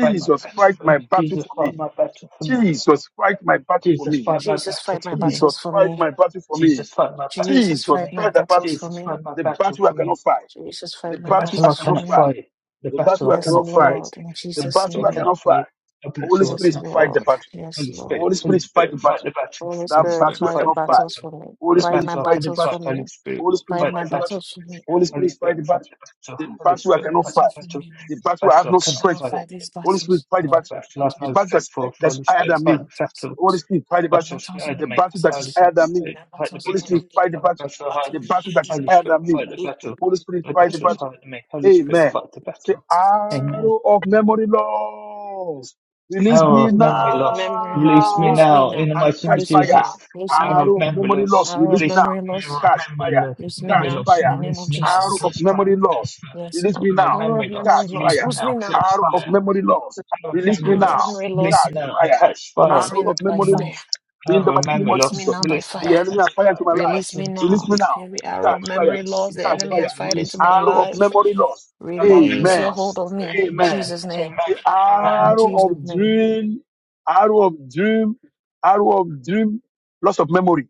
S2: Fight my battle
S3: fight
S2: for me.
S3: my battle
S2: Jesus,
S3: for
S2: fight
S3: me.
S2: my battle for me.
S3: Jesus, fight my battle for
S2: Jesus,
S3: me.
S2: fight my
S1: Jesus
S2: battle
S1: fight my
S2: for me.
S3: Jesus,
S1: battles for
S3: fight
S1: me.
S3: my battle for me.
S2: Jesus, fight my battle
S3: Jesus,
S1: Jesus
S2: for
S1: fight
S2: me.
S1: my
S3: fight the
S1: battles
S3: battle.
S1: for
S2: Jesus,
S1: me.
S2: fight my
S3: The
S2: battle
S3: battle I
S2: for me.
S3: cannot fight.
S1: Jesus
S3: The
S1: fight
S2: The
S1: my
S3: battle
S2: battle
S3: I
S2: I
S1: battles for
S3: cannot
S2: cannot
S3: fight.
S1: me.
S2: fight. The
S3: The
S2: battle
S3: battle I
S2: I
S1: Yes,
S3: cannot
S2: cannot fight.
S3: fight.
S1: Lord, in
S3: The
S2: The
S1: Jesus'
S2: battle
S3: battle
S2: I
S3: I
S1: name.
S2: cannot
S3: cannot
S2: fight.
S3: fight.
S2: The
S3: Holy
S2: battle I
S1: Yes,
S3: Spirit,
S2: cannot fight.
S3: fight the
S1: Lord.
S3: battle.
S1: Yes,
S2: Holy Spirit,
S1: Lord.
S3: Holy
S2: Holy
S3: Spirit, fight
S2: Spirit,
S3: the
S2: fight
S3: battle.
S2: the battle.
S1: Holy
S3: That
S2: Holy
S1: Spirit,
S2: Spirit,
S3: battle I
S1: fight
S2: fight
S1: the
S2: the
S3: cannot
S1: battles
S3: fight.
S2: battle.
S1: for me.
S3: Holy
S2: The
S1: Fight
S3: Spirit,
S1: my
S2: battle I
S3: fight the
S2: cannot
S1: battles
S2: fight.
S3: battle.
S1: for
S2: Holy
S1: me.
S2: Spirit,
S3: Holy Spirit
S1: Fight
S2: fight
S1: my
S2: the
S3: fight the battle.
S2: battle.
S1: battles for me.
S3: Holy
S2: Holy
S3: Spirit fight
S2: Spirit,
S3: the
S2: fight
S3: battle.
S2: the battle.
S3: The
S2: Holy
S3: battle
S1: Fight
S3: I
S2: Spirit,
S1: my
S3: cannot
S2: fight the
S1: battles
S3: fight.
S1: for
S2: battle.
S1: me.
S3: The
S1: Lord.
S3: battle I have
S2: Battle I
S3: no
S2: cannot
S1: I will
S3: strength for.
S2: face,
S1: fight these
S3: Holy Spirit
S1: battles.
S3: fight
S2: I
S3: the
S2: know
S1: Fight
S3: battle.
S2: that
S1: the
S2: love
S3: The
S1: battles
S2: knows
S1: for
S3: battle
S1: me.
S3: that's,
S2: dreadful
S3: that's
S2: Holy
S3: higher
S2: Spirit,
S3: than
S2: fight
S3: me.
S2: the battle,
S3: Holy Spirit fight the
S1: My
S3: battle.
S2: battles the
S1: battles in
S3: The
S2: enemy,
S3: battle
S1: this
S3: that is
S2: Holy
S1: house.
S3: higher than
S2: Ghost,
S3: me.
S1: My
S2: fight the
S1: battles in
S3: Holy
S1: this
S2: battle,
S3: Spirit fight the
S2: fight
S1: house.
S3: battle.
S2: battle, Holy
S1: Battle
S3: The
S1: in
S3: battle that is
S1: hidden.
S2: Holy
S3: higher
S2: Spirit,
S3: than me.
S2: fight the battle,
S3: Holy Spirit
S2: the
S3: fight the
S2: battles
S3: battle.
S2: the enemy, Holy Spirit,
S3: Amen.
S2: fight the
S3: Say,
S2: battle. Amen.
S3: arrow of memory loss. Release
S2: Hour
S3: me
S2: of memory
S1: Oh,
S2: loss,
S1: memory loss.
S2: release me
S1: Lose
S3: now.
S1: me
S2: now
S1: now.
S2: in the
S3: I
S2: mighty name of
S3: catch
S1: Lose me
S3: fire.
S2: Jesus.
S1: now. Lose me now.
S2: Hour of
S3: Arrow of
S2: memory
S3: memory
S2: loss,
S3: loss,
S1: Hour of
S3: release me
S2: release
S3: now.
S1: memory
S2: me, hour
S1: loss.
S2: of
S3: Catch
S2: memory
S3: fire.
S2: loss,
S1: Lose me
S2: memory
S3: Catch
S1: now.
S2: loss,
S1: In
S3: fire.
S1: the name of
S2: release me now,
S1: Jesus.
S3: Arrow of
S2: catch fire,
S3: memory
S2: catch
S3: loss,
S2: fire.
S1: Yes,
S3: release
S1: Lord.
S3: me
S2: Hour of
S3: now.
S1: Power of
S2: memory loss,
S1: memory
S3: Catch
S1: loss.
S2: release
S3: fire.
S2: me
S1: Lose me
S2: now,
S1: now.
S2: catch
S3: Arrow of
S2: fire.
S3: memory loss,
S2: Out of
S3: release me
S2: memory
S1: Power of
S3: now.
S2: loss.
S1: memory
S2: Release
S1: loss.
S2: me
S3: Catch
S2: now and
S3: fire.
S2: catch fire.
S1: Release me
S3: Arrow
S1: now
S3: of
S1: by
S3: memory
S2: Amen.
S1: fire.
S3: loss.
S2: I
S3: In
S2: have
S3: the
S2: a
S3: mighty name
S2: memory
S3: of
S1: Release me
S2: loss.
S3: Jesus,
S1: now by
S2: Release me now
S3: the
S1: fire.
S2: and
S3: enemy
S2: catch
S3: are fire
S2: fire.
S3: to my
S2: In the
S3: life.
S1: Release
S2: mighty name
S1: me
S2: of
S3: Release
S1: now.
S3: me
S2: Jesus.
S3: now.
S2: I
S1: Every
S2: have
S1: arrow of
S3: Catch
S2: a memory
S3: fire.
S1: memory
S2: loss.
S1: loss the
S3: Catch
S2: Father,
S1: enemy has
S3: fire.
S2: Lord,
S1: fired into
S2: Release me
S1: my
S2: now and
S3: Arrow of
S2: catch
S1: life.
S2: fire.
S3: memory loss.
S2: I have a
S1: Release
S2: memory
S1: your
S3: Amen.
S2: loss.
S1: hold on me. In
S3: Amen.
S2: Amen.
S1: Jesus' name.
S3: The
S2: Amen.
S1: In
S2: Amen.
S3: arrow
S1: Jesus'
S3: of
S1: name.
S3: dream, arrow of dream Arrow of dream, loss of memory.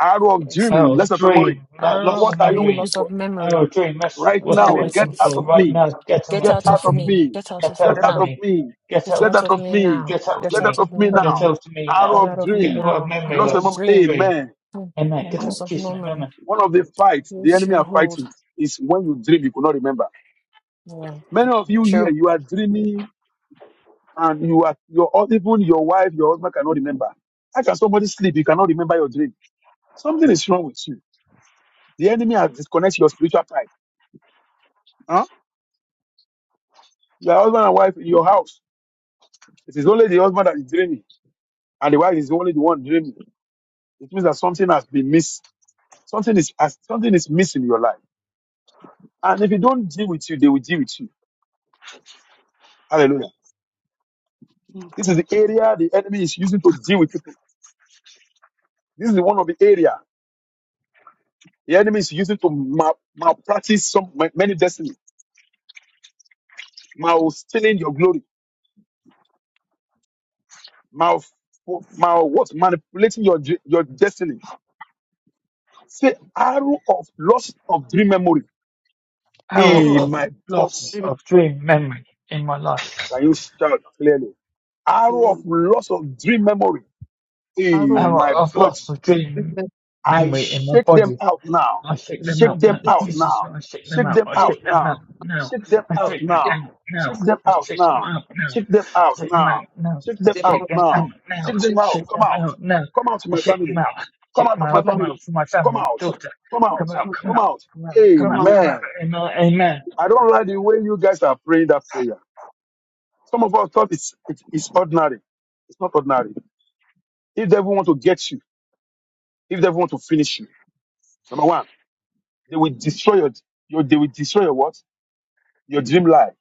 S3: Arrow of
S1: Yes,
S2: I
S3: dream,
S2: was
S3: loss
S1: Lord.
S3: of memory.
S2: dream. lo-
S1: Arrow
S2: Loss
S3: What
S2: of
S1: of
S3: are you
S1: dream
S3: waiting
S2: memory.
S1: loss of
S3: for?
S2: I was
S1: memory.
S2: dream. That's
S3: Right
S1: What
S2: what
S1: are
S2: you're
S1: you
S3: now, get
S2: waiting
S1: waiting
S3: out
S2: for.
S3: of
S1: for?
S2: Right
S3: me.
S2: now, get
S1: Get
S3: Get
S2: out
S1: out
S2: of
S3: out
S1: of
S3: of
S2: me.
S1: me.
S3: me.
S1: Get out
S2: Get
S1: of me
S3: Get
S2: out of
S3: out
S1: now.
S3: of
S2: me.
S3: me.
S2: Get
S1: Get
S3: Get
S2: out
S1: out
S2: of
S3: out
S1: of
S3: of
S2: me.
S1: me
S3: me.
S1: now.
S2: Get out
S1: Get
S2: of
S3: Get
S1: out
S3: out
S2: me.
S1: of
S3: of
S1: me
S3: me
S2: Get
S3: now.
S1: now.
S2: out of me
S3: Arrow
S1: Get
S2: now.
S1: out
S3: of
S1: of me
S2: Get out
S3: dream,
S2: of
S1: now.
S2: memory
S3: loss
S1: Arrow
S3: of
S1: of
S2: loss.
S3: memory.
S1: dream.
S2: Dream.
S3: Amen.
S1: Mm,
S2: and may
S1: And
S2: because
S1: that's like
S2: me memory.
S1: memory.
S3: One of the fights the
S1: Use
S3: enemy
S1: your
S3: are
S1: hold.
S3: fighting is when you dream, you could not remember.
S1: Yeah.
S3: Many of you here,
S1: True.
S3: you are dreaming and you are, your, even your wife, your husband cannot remember. How can somebody sleep? You cannot remember your dream. Something is wrong with you. The enemy has disconnected your spiritual tie. Huh? Your husband and wife in your house. It is only the husband that is dreaming, and the wife is only the one dreaming. It means that something has been missed. Something is has- something is missing in your life. And if you don't deal with you, they will deal with you. Hallelujah. This is the area the enemy is using to deal with people. This is one of the area the enemy is using to mal- malpractice some ma- many destiny, mal stealing your glory, mal, mal what manipulating your dr- your destiny. Say arrow of loss of dream memory
S2: Hour
S4: Arrow
S3: in
S4: of
S2: of
S3: my
S2: loss
S3: thoughts.
S4: women
S2: of
S4: for
S2: dream memory in my life.
S3: Can you shout clearly? Arrow of
S4: man.
S3: loss of dream memory in
S4: Arrow of
S2: Hour
S3: my
S2: of
S3: body.
S2: loss of dream
S4: women
S3: I
S2: memory in my
S3: shake them
S2: body.
S3: out now.
S2: I shake them
S4: for
S3: Shake
S2: out.
S3: them
S4: this
S3: out
S2: Jesus,
S3: now.
S2: I shake them
S3: Shake
S2: out.
S3: them
S2: I
S3: out
S2: shake them
S3: now.
S2: out now.
S3: Shake them
S2: I
S3: out
S2: shake them
S3: now.
S2: out now.
S3: Shake them
S2: I
S3: out
S2: shake them
S3: now.
S2: out now.
S3: Shake them
S2: I
S3: out
S2: shake them out
S3: now.
S2: now.
S3: Shake
S2: I
S3: them
S4: They
S2: shake
S3: out
S2: them
S4: must
S2: out
S3: now.
S2: now.
S3: Shake
S2: I
S3: them out.
S2: shake them
S3: Come out.
S2: out now.
S3: Come out of
S2: I
S3: my
S2: shake them
S3: family.
S2: out.
S3: Come
S2: Shake
S3: out
S2: them
S3: of my
S2: out.
S4: come
S2: Come
S4: out
S3: family.
S2: out for my
S3: Come
S2: family, my
S3: out.
S4: of
S2: daughter.
S3: Come
S2: Come
S3: out.
S2: out.
S4: them,
S2: Come
S3: Come
S2: out.
S3: out.
S2: Come out. Come
S4: come
S2: out.
S4: out
S2: Come out.
S3: Amen.
S2: Amen. Amen.
S3: I don't like the way you guys are praying that prayer. Some of us thought it's, it's, it's ordinary. It's not ordinary. If they ever want to get you, if they ever want to finish you, number one, they will destroy your, your they will destroy your what? Your dream life.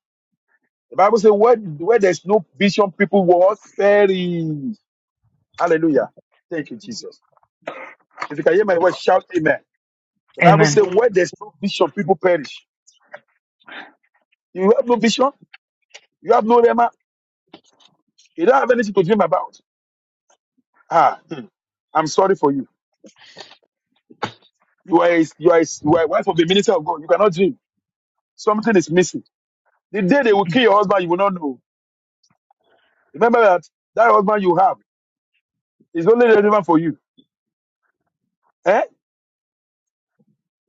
S3: The Bible says where, where there's no vision, people will all perish. Hallelujah. Thank you, Jesus. If you can hear my voice, shout amen. The Bible
S2: Amen.
S3: says where there's no vision, people perish. You have no vision, you have no rema, you don't have anything to dream about. Ah, hmm, I'm sorry for you. You are, a, you, are a, you are a wife of the minister of God. You cannot dream. Something is missing. The day they will kill your husband, you will not know. Remember that that husband you have is only relevant for you. Eh?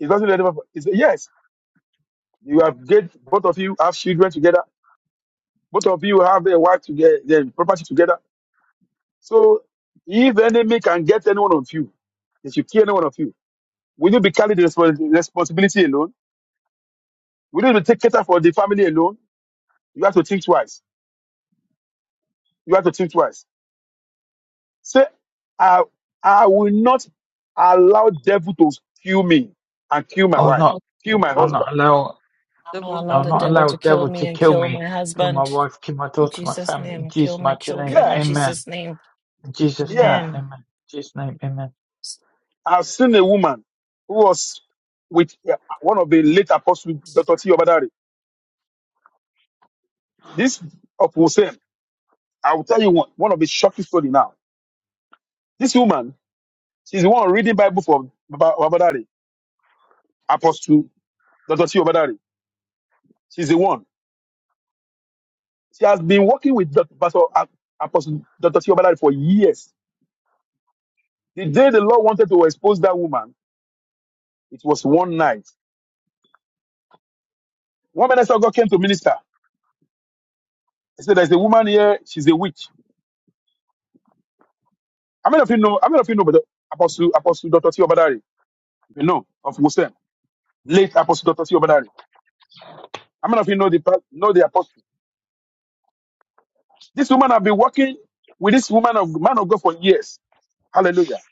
S3: It's only relevant for it's, yes. You have get both of you have children together. Both of you have a wife together, their property together. So if enemy can get any one of you, they should kill any one of you. Will you be carrying the respons- responsibility alone? Will you be take care for the family alone? You have to think twice. You have to think twice Say, I, I will not allow devil to kill me and kill my
S2: I will
S3: wife,
S2: not.
S4: of
S3: kill my
S2: I'll
S3: husband.
S2: not allow.
S1: I'm not
S4: Devil to
S1: allow
S2: I'll
S1: the
S2: not
S1: devil
S2: allow
S1: to kill
S2: devil
S1: me
S2: to
S1: and
S2: kill
S1: kill
S2: me,
S1: my
S2: kill my
S1: husband.
S2: wife, kill my
S1: In
S2: daughter, my
S1: Jesus'
S2: family. In
S1: name, kill
S2: Jesus'
S1: my
S2: mighty name,
S1: children. In
S3: Yeah,
S2: amen.
S1: Jesus' name,
S2: In Jesus'
S3: yeah.
S2: name,
S1: amen.
S2: amen. In Jesus' name, amen.
S3: I've seen a woman who was with uh, one of the late apostles, Dr. T. Obadari. This of Hussein, I will tell you one, one of the shocking story now. This woman, she's the one reading Bible for Baba- Obadari, Apostle Dr. T. Obadari. She's the one. She has been working with Dr. Pastor- uh, Apostle Dr. T. Obadari for years The day the Lord wanted to expose that woman, it was one night. One minister of God came to minister. He said, There's a woman here, she's a witch. How many of you know? How many of you know about the Apostle Apostle Dr. T. Obadari? If you know of Wusem, late Apostle Dr. T. Obadari. How many of you know the pa- know the apostle? This woman have been working with this woman of man of God for years. Hallelujah.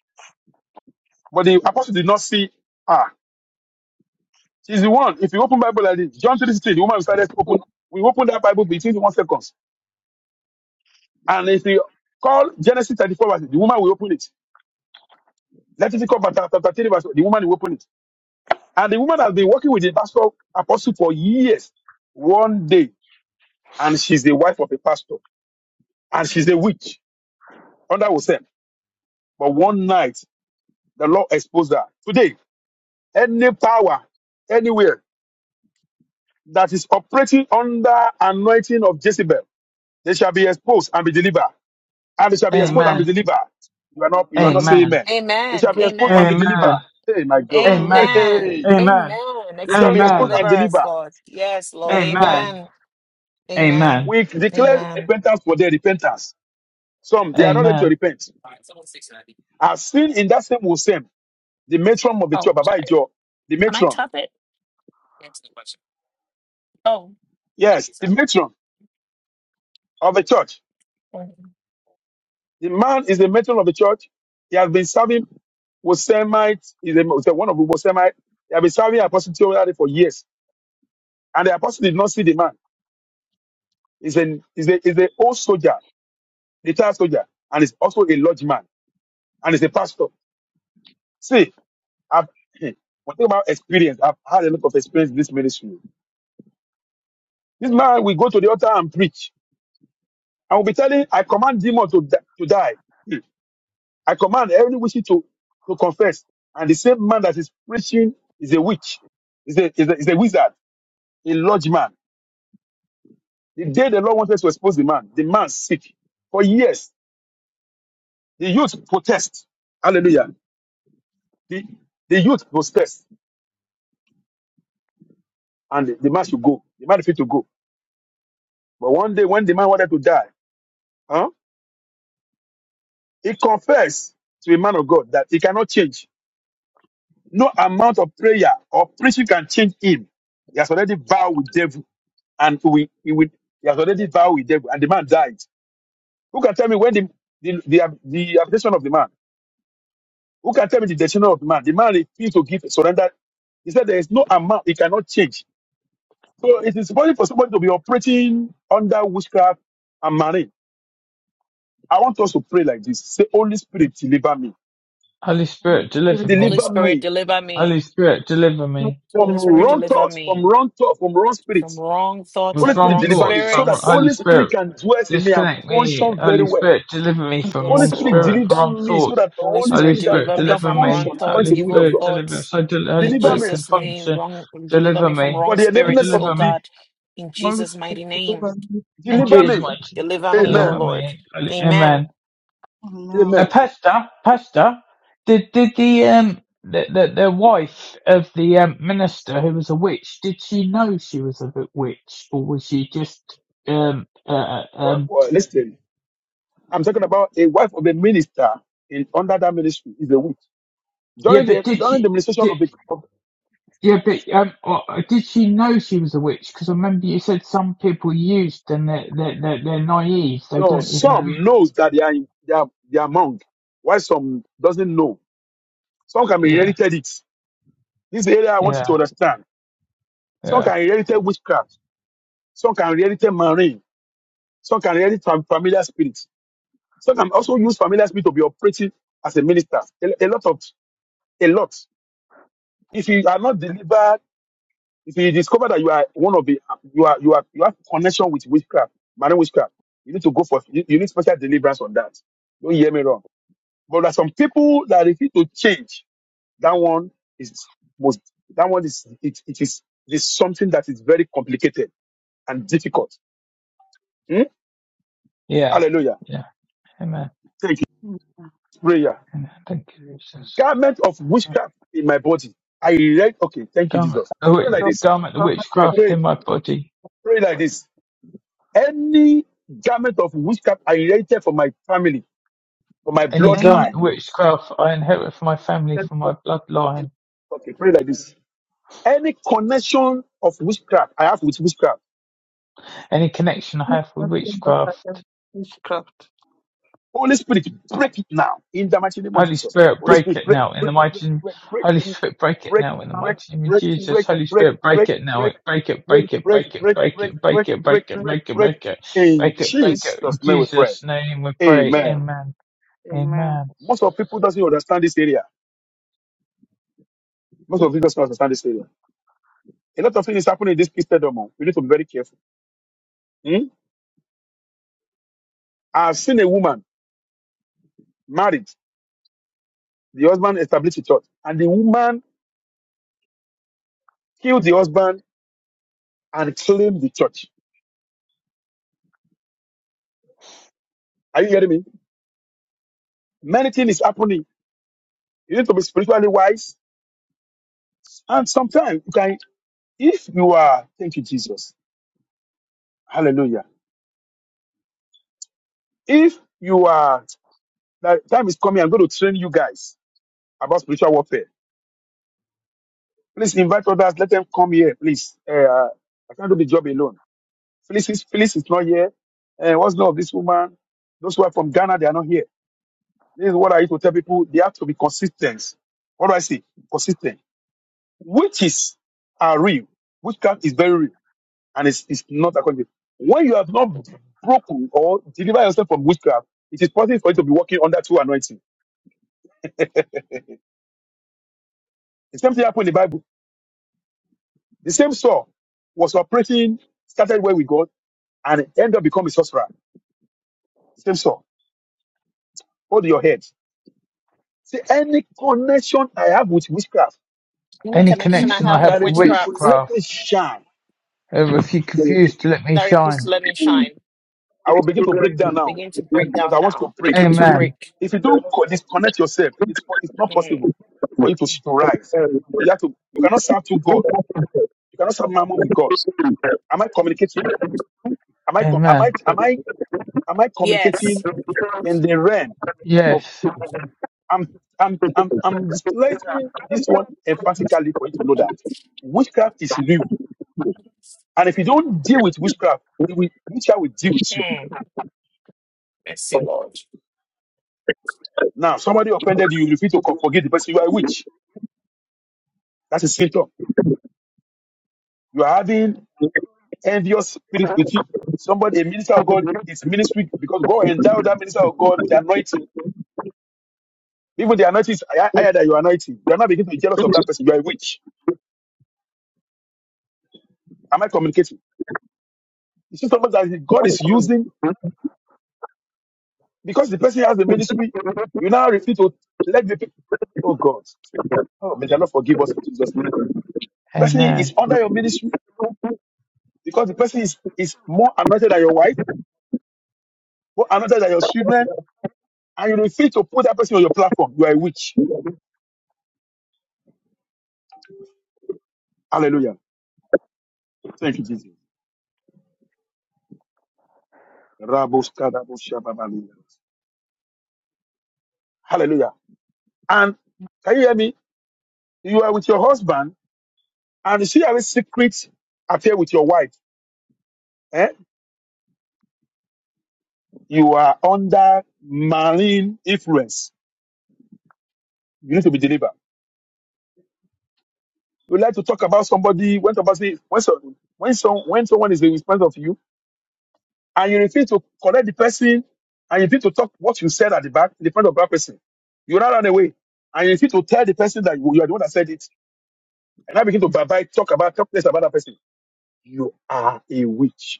S3: But the apostle did not see her. She's the one. If you open Bible like this, John 3 sixteen, the woman started to open. We open that Bible between one seconds. And if you call Genesis 34 verses, the woman will open it. Leviticus chapter chapter 3, verse the woman will open it. And the woman has been working with the pastor apostle for years, one day, and she's the wife of a pastor, and she's a witch under herself. But one night, the Lord exposed her. Today, any power anywhere that is operating under anointing of Jezebel, they shall be exposed and be delivered. And they shall be exposed and
S4: kill.
S3: be
S2: Amen.
S3: delivered. You are not, you are not
S4: um,
S3: saying
S2: Amen.
S3: amen. They
S1: Amen.
S3: shall be exposed and be
S1: Amen.
S2: Amen.
S3: delivered. Hey, my God.
S4: um,
S3: Hey,
S2: Amen.
S1: Amen.
S3: hey.
S2: Amen.
S1: Amen.
S3: they shall
S1: Expose
S3: be
S1: and
S3: exposed
S1: deliver
S2: Amen.
S3: and
S1: us,
S3: delivered.
S1: Lord. Yes, Lord.
S4: and whatever.
S2: Amen.
S1: Amen. Amen.
S2: Amen.
S3: We declare
S1: Amen.
S3: repentance for their repentance. Some, they are not ready
S2: Amen.
S3: to repent. I've seen in that same Wusem, the matron of the church, Baba Ijo, the
S1: Can I
S3: matron.
S1: tap it? Oh,
S3: Yes, the matron of the church. The man is the matron of the church. He has been serving Wosemite, is a, is a- one of the Wosemite. He has been serving Apostle Theodory for years. And the apostle did not see the man. He's an he's a, he's a old soldier, retired soldier, and he's also a lodge man, and he's a pastor. See, I've, when I think about experience, I've had a lot of experience in this ministry. This man will go to the altar and preach. I will be telling, I command demon to, di- to die. Hmm. I command every witch to, to confess. And the same man that is preaching is a witch, is a, is a, is a wizard, a lodge man. The day the Lord wanted to expose the man, the man sick. For years, the youth protest. Hallelujah. The, the youth protest. And the, the man should go. The man refused to go. But one day, when the man wanted to die, huh, he confessed to a man of God that he cannot change. No amount of prayer or preaching can change him. He has already vowed with devil, and we he will he has already vowed with devil, and the man died. Who can tell me when the the the, the application of the man? Who can tell me the destiny of the man? The man refused to give surrender. He said there is no amount he cannot change. So it is possible for somebody to be operating under witchcraft and marine. I want us to pray like this: Say, Holy Spirit, deliver me,
S2: Holy
S4: And the
S2: Spirit, deliver
S4: spirit
S1: Holy
S2: me.
S3: deliver
S4: of
S1: Spirit,
S3: me
S1: deliver me.
S2: Holy Spirit, deliver
S4: the
S2: me.
S4: spirit
S3: from
S1: Holy
S4: of the
S1: Spirit,
S4: Lord,
S3: wrong
S1: deliver
S3: thoughts, from
S1: me
S3: wrong thoughts, from wrong spirits.
S1: from wrong thoughts
S2: with
S3: Holy
S1: and
S3: Spirit,
S2: wrong
S1: wrong
S3: deliver
S2: thoughts
S3: me so
S2: from
S3: that
S1: spirits.
S2: Holy
S3: Holy Spirit
S2: Spirit.
S3: can dwell in me and
S2: Disconnect me,
S3: function very
S2: Holy
S3: well.
S2: Spirit, deliver me from
S3: Holy
S1: Yes,
S2: wrong
S3: Spirit,
S2: spirit,
S1: Lord.
S2: from
S3: deliver
S2: wrong
S3: me so
S2: thoughts.
S3: that the
S1: Holy
S3: Holy
S2: Holy
S1: Spirit,
S3: Spirit can,
S2: Spirit,
S1: deliver
S3: I
S1: me
S3: can
S2: deliver
S1: from wrong
S2: me.
S3: function according
S1: thoughts,
S2: Holy
S3: to the will
S1: evil
S3: of
S2: Spirit,
S3: God.
S2: deliver.
S1: thoughts.
S2: So the Holy
S1: In
S3: Deliver
S2: Spirit
S3: me
S2: can
S1: Jesus' name,
S2: function.
S1: wrong deliver
S2: Deliver
S1: me from
S2: me.
S3: for
S1: wrong
S3: the
S2: And
S3: enablement
S1: spirits,
S3: of
S1: oh
S2: deliver
S3: the
S2: me.
S1: God. In
S4: Holy
S1: Jesus'
S4: Spirit,
S1: mighty name,
S4: deliver me from
S2: And
S4: Holy
S3: deliver
S2: Jesus
S3: me.
S4: Spirit,
S2: mighty.
S1: deliver me,
S4: punch
S1: oh
S2: Deliver
S3: Amen.
S1: Lord.
S2: me. Holy-
S1: Amen.
S2: Amen.
S4: me now.
S2: A
S3: Amen.
S2: pastor, pastor, did, did the, um, the, the, the wife of the um, minister who was a witch, did she know she was a witch? Or was she just, um, uh, uh, um,
S3: Well, well, listen, I'm talking about a wife of a minister in under that ministry is a witch.
S2: Yeah,
S3: During
S2: but
S3: the
S2: did she?
S3: during the ministration
S2: Did,
S3: of the of,
S2: yeah, but um, uh, did she know she was a witch? Because I remember you said some people used and they're they're they're, they're naive. They
S3: no,
S2: don't even. re-
S3: some knows that they are in, they are they are among, while some doesn't know. Some can be
S2: Yeah,
S3: inherited it. This is the area I want you
S2: yeah,
S3: to understand. Some
S2: yeah,
S3: can inherit witchcraft. Some can inherit marine. Some can inherit fam- familiar spirits. Some can also use familiar spirit to be operating as a minister. A, a lot of a lot. If you are not delivered, if you discover that you are one of the you are you are you have connection with witchcraft, marine witchcraft, you need to go for you, you need special deliverance on that. Don't hear me wrong. But there are some people that refuse to change. That one is most that one is it, it is it is something that is very complicated and difficult. Hmm?
S2: yeah,
S3: Hallelujah.
S2: yeah. Amen.
S3: Thank you.
S4: And
S3: Prayer.
S2: Amen. Thank you, Jesus.
S3: Garment of witchcraft in my body. I read, okay, thank you,
S2: Garment,
S3: Jesus.
S2: the witch,
S3: Pray like
S4: So,
S3: this.
S2: garment, the
S4: God,
S3: Pray,
S4: for
S2: witchcraft
S3: pray,
S2: in my body.
S3: pray like this. Any garment of witchcraft I erected for my family, for my
S2: Any
S4: any
S2: garment, the
S3: bloodline.
S2: witchcraft I inherit from my family,
S4: type
S2: from
S4: of
S2: my
S4: it,
S2: bloodline.
S3: Okay, pray like this. Any connection of witchcraft I have with witchcraft.
S2: Any connection I
S4: this
S2: have with
S4: nothing but that
S2: witchcraft.
S4: of witchcraft.
S3: Holy Spirit, break it now. In the mighty name of
S2: Holy
S3: Jesus.
S2: Spirit,
S3: Holy
S4: This
S2: break
S3: Spirit,
S2: it
S3: break,
S2: now in the
S3: break, break,
S2: mighty name.
S3: break, break.
S2: Holy
S4: spirit
S2: Spirit, break it
S3: break,
S2: now
S4: is
S2: in the
S4: not the
S3: break,
S2: mighty name of
S3: break,
S4: fighting
S2: Jesus.
S3: break,
S4: of the
S2: Holy
S3: break,
S2: Spirit, break
S3: break,
S2: it now.
S3: break,
S2: Break it,
S3: break,
S4: spirit,
S2: break it,
S3: break,
S2: break it,
S3: break,
S2: break
S3: break,
S4: the
S2: it,
S3: break,
S2: break it,
S3: break,
S2: break it,
S4: spirit of
S3: break,
S2: break it,
S3: break.
S2: break it,
S3: In
S2: break it, break
S3: Jesus'
S2: it. In
S3: name we pray.
S2: Jesus' name we pray.
S3: Amen.
S2: Amen.
S4: Amen.
S2: Amen.
S3: Most of people doesn't understand this area. Most of people doesn't understand this area. A lot of things happening in this Christendom. oh. We need to be very careful. Hmm? I've seen a woman married, the husband established a church, and the woman killed the husband and claimed the church. Are you hearing me? Many things is happening. You need to be spiritually wise, and sometimes you can if you are, thank you, Jesus. Hallelujah. If you are, the time is coming, I'm going to train you guys about spiritual warfare. Please invite others, let them come here, please. Eh, Uh, I can't do the job alone. Phyllis is, Phyllis is not here. Uh, what's name of this woman? Those who are from Ghana, they are not here. This is what I used to tell people. They have to be consistent. What do I say? Consistent. Witches are real. Witchcraft is very real and it's, it's not according to When you have not broken or delivered yourself from witchcraft, it is possible for you to be working under true anointing. The same thing happened in the Bible. The same Saul was operating, started well with God, and ended up becoming a sorcerer. The same Saul. Hold your head. See, any connection I have with witchcraft
S1: Any
S2: Any
S1: connection
S4: And
S1: I
S2: connection
S4: what
S2: I
S4: about
S1: have with
S2: have
S3: that
S2: for
S3: refuse
S4: the
S3: to
S1: witchcraft
S3: let me
S2: witchcraft,
S3: shine,
S2: uh, if you confuse to let me
S1: that refuse to
S2: shine.
S1: let me
S4: spirit
S1: shine,
S3: I will begin to break down now.
S1: begin to break
S3: But
S1: down
S3: I want you to
S1: now.
S3: pray.
S1: Begin to
S2: Amen.
S1: break.
S3: If you don't co- disconnect yourself, it's, po- it's not
S1: Mm.
S3: possible for you to, to rise. So you have to. You cannot serve two God.
S4: It's the
S3: You cannot serve mammon with
S4: Amen.
S3: God. Am I communicating? Am I? com- Am I?
S2: Amen.
S3: Am I? Am I
S1: Yes.
S3: communicating in the realm? of?
S2: Yes.
S3: I'm, I'm, I'm, I'm displaying this one emphatically for you to know that witchcraft is real. And if you don't deal with witchcraft, it will, witchcraft will deal with you.
S1: Mm. Mercy, Lord.
S3: Now, somebody offended you, you refuse to co- forgive the person, you are a witch. That's a symptom. You are having envious spirit with you. Somebody, a minister of God, is ministry because God endowed that minister of God with anointing. Even the anointing is hi- higher than your anointing. You are not beginning to be jealous of that person. You are a witch. Am I communicating? You see somebody that God is using Because the person has the ministry, you now refuse to let the people. Oh God. Oh, may the Lord forgive us in Jesus' name. Person is
S2: Amen.
S3: under your ministry because the person is, is more anointed than your wife, more anointed than your children, and you refuse to put that person on your platform. You are a witch. Hallelujah. Thank you, Jesus. Raboska, rabosha, babalina. Hallelujah. And can you hear me? You are with your husband, and you see having secret affair with your wife. Eh? You are under marine influence. You need to be delivered. You like to talk about somebody when somebody when so, when some when someone is in front of you and you refuse to correct the person and you refuse to talk what you said at the back in the front of that person. You now run away and you refuse to tell the person that you, you are the one that said it and now begin to bye bye talk about talk less about that person. You are a witch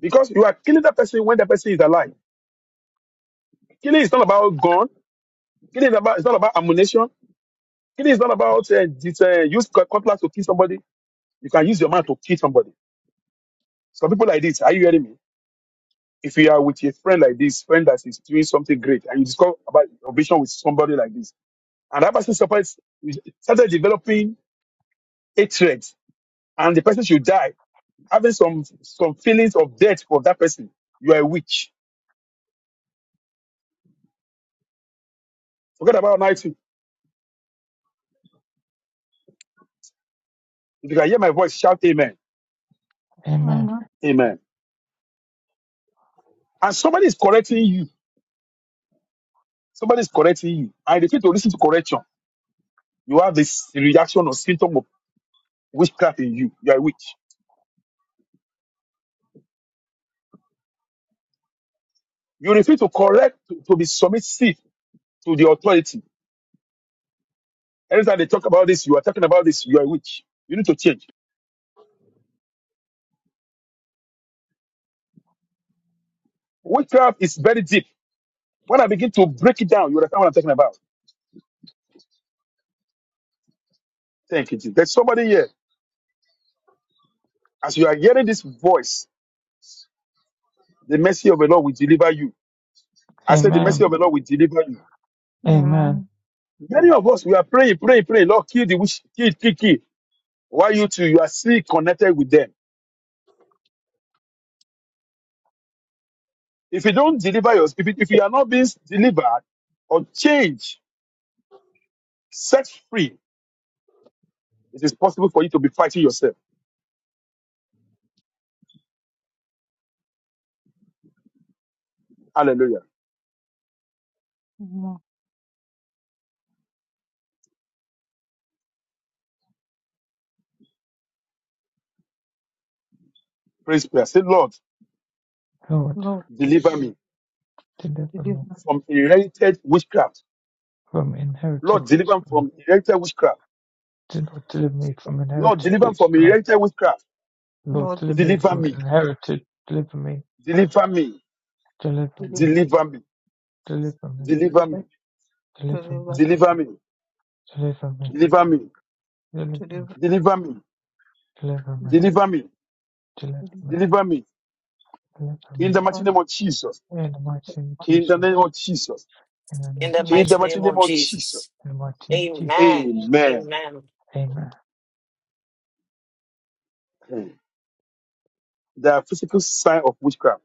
S3: because you are killing that person when the person is alive. Killing is not about gun. Killing is about it's not about ammunition. Killing is not about uh, this, uh, use cut- cutlass to kill somebody. You can use your mouth to kill somebody. Some people like this. Are you hearing me? if you are with a friend like this, friend that is doing something great, and you discover about your vision with somebody like this, and that person starts started developing hatred, and the person should die, having some some feelings of death for that person, you are a witch. Forget about night. If you can hear my voice, shout amen,
S2: Amen.
S3: amen. And somebody is correcting you. Somebody is correcting you, and if you to listen to correction, you have this reaction or symptom of witchcraft in you. You are a witch. You refuse to correct to, to be submissive to the authority Anytime they talk about this, you are talking about this, you are a witch. You need to change. Witchcraft is very deep. When I begin to break it down, you understand what I'm talking about. Thank you, Jesus. There's somebody here. As you are hearing this voice, the mercy of the Lord will deliver you. I said, the mercy
S2: Amen.
S3: of the Lord will deliver you.
S2: Amen.
S4: Amen.
S3: Many of us, we are praying, praying, praying. Lord, kill the witch, kill, kill, kill. Why you two, you are still connected with them. If you don't deliver yours, if, you- if you are not being delivered or changed, set free, it is possible for you to be fighting yourself. Hallelujah.
S4: Amen.
S3: Praise prayer. Say, Lord,
S2: Lord,
S4: Lord,
S3: deliver me
S2: deliver me
S4: deliver.
S3: from inherited witchcraft.
S2: from inherited
S3: Lord, deliver me
S2: witchcraft.
S3: from inherited witchcraft.
S2: Lord, deliver me from
S3: Lord,
S2: inherited
S3: deliver me from
S2: witchcraft.
S3: inherited witchcraft.
S2: Lord,
S4: Lord,
S2: deliver
S4: deliver.
S2: me
S3: Deliver
S2: from
S3: me,
S2: inherited. Deliver me,
S3: deliver me,
S2: deliver
S4: Deliver.
S2: me,
S3: deliver me,
S2: deliver me,
S3: deliver me,
S2: deliver
S4: Deliver.
S2: me,
S3: deliver me,
S2: deliver me,
S3: deliver
S4: Deliver.
S3: me,
S2: deliver me,
S4: Deliver. Deliver.
S3: deliver me,
S2: deliver me,
S3: deliver me,
S2: deliver me,
S3: deliver me.
S2: deliver
S3: In
S2: me.
S3: the
S4: Deliver.
S3: mighty name of Jesus.
S2: In the mighty name of
S3: In the
S2: Jesus.
S3: name of Jesus.
S2: In the name
S1: In the
S2: of
S4: Deliver. deliver.
S3: In
S2: Jesus.
S3: the
S1: mighty
S3: mighty
S1: name
S3: name
S1: of
S3: of Jesus.
S1: Jesus.
S2: In the mighty name of
S1: Amen.
S2: Jesus.
S3: Amen.
S1: Amen.
S2: Amen.
S3: Hmm. There are physical sign of witchcraft.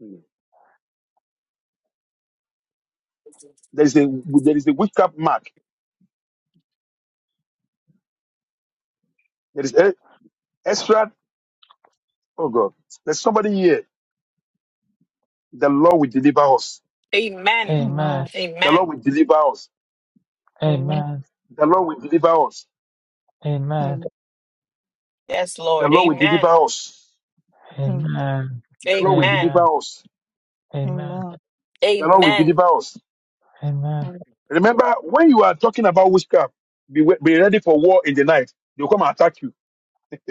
S3: Hmm. There is a there is a witchcraft mark. There is e- extra. Oh God. There's somebody here. The Lord will deliver us.
S1: Amen.
S4: Amen.
S2: Amen.
S3: The Lord
S1: Amen.
S3: will deliver us.
S4: Amen.
S2: Amen.
S3: The Lord will deliver us.
S2: Amen.
S1: Yes,
S3: The
S1: Lord.
S3: Lord will
S1: Amen.
S3: deliver us.
S2: Amen.
S3: The Lord will
S1: Amen.
S2: Amen.
S3: deliver us.
S2: Amen.
S4: Amen.
S3: The Lord will
S1: Amen.
S3: deliver us.
S2: Amen.
S4: Amen.
S3: Remember, when you are talking about witchcraft, be, wa- be ready for war in the night. They'll come and attack you.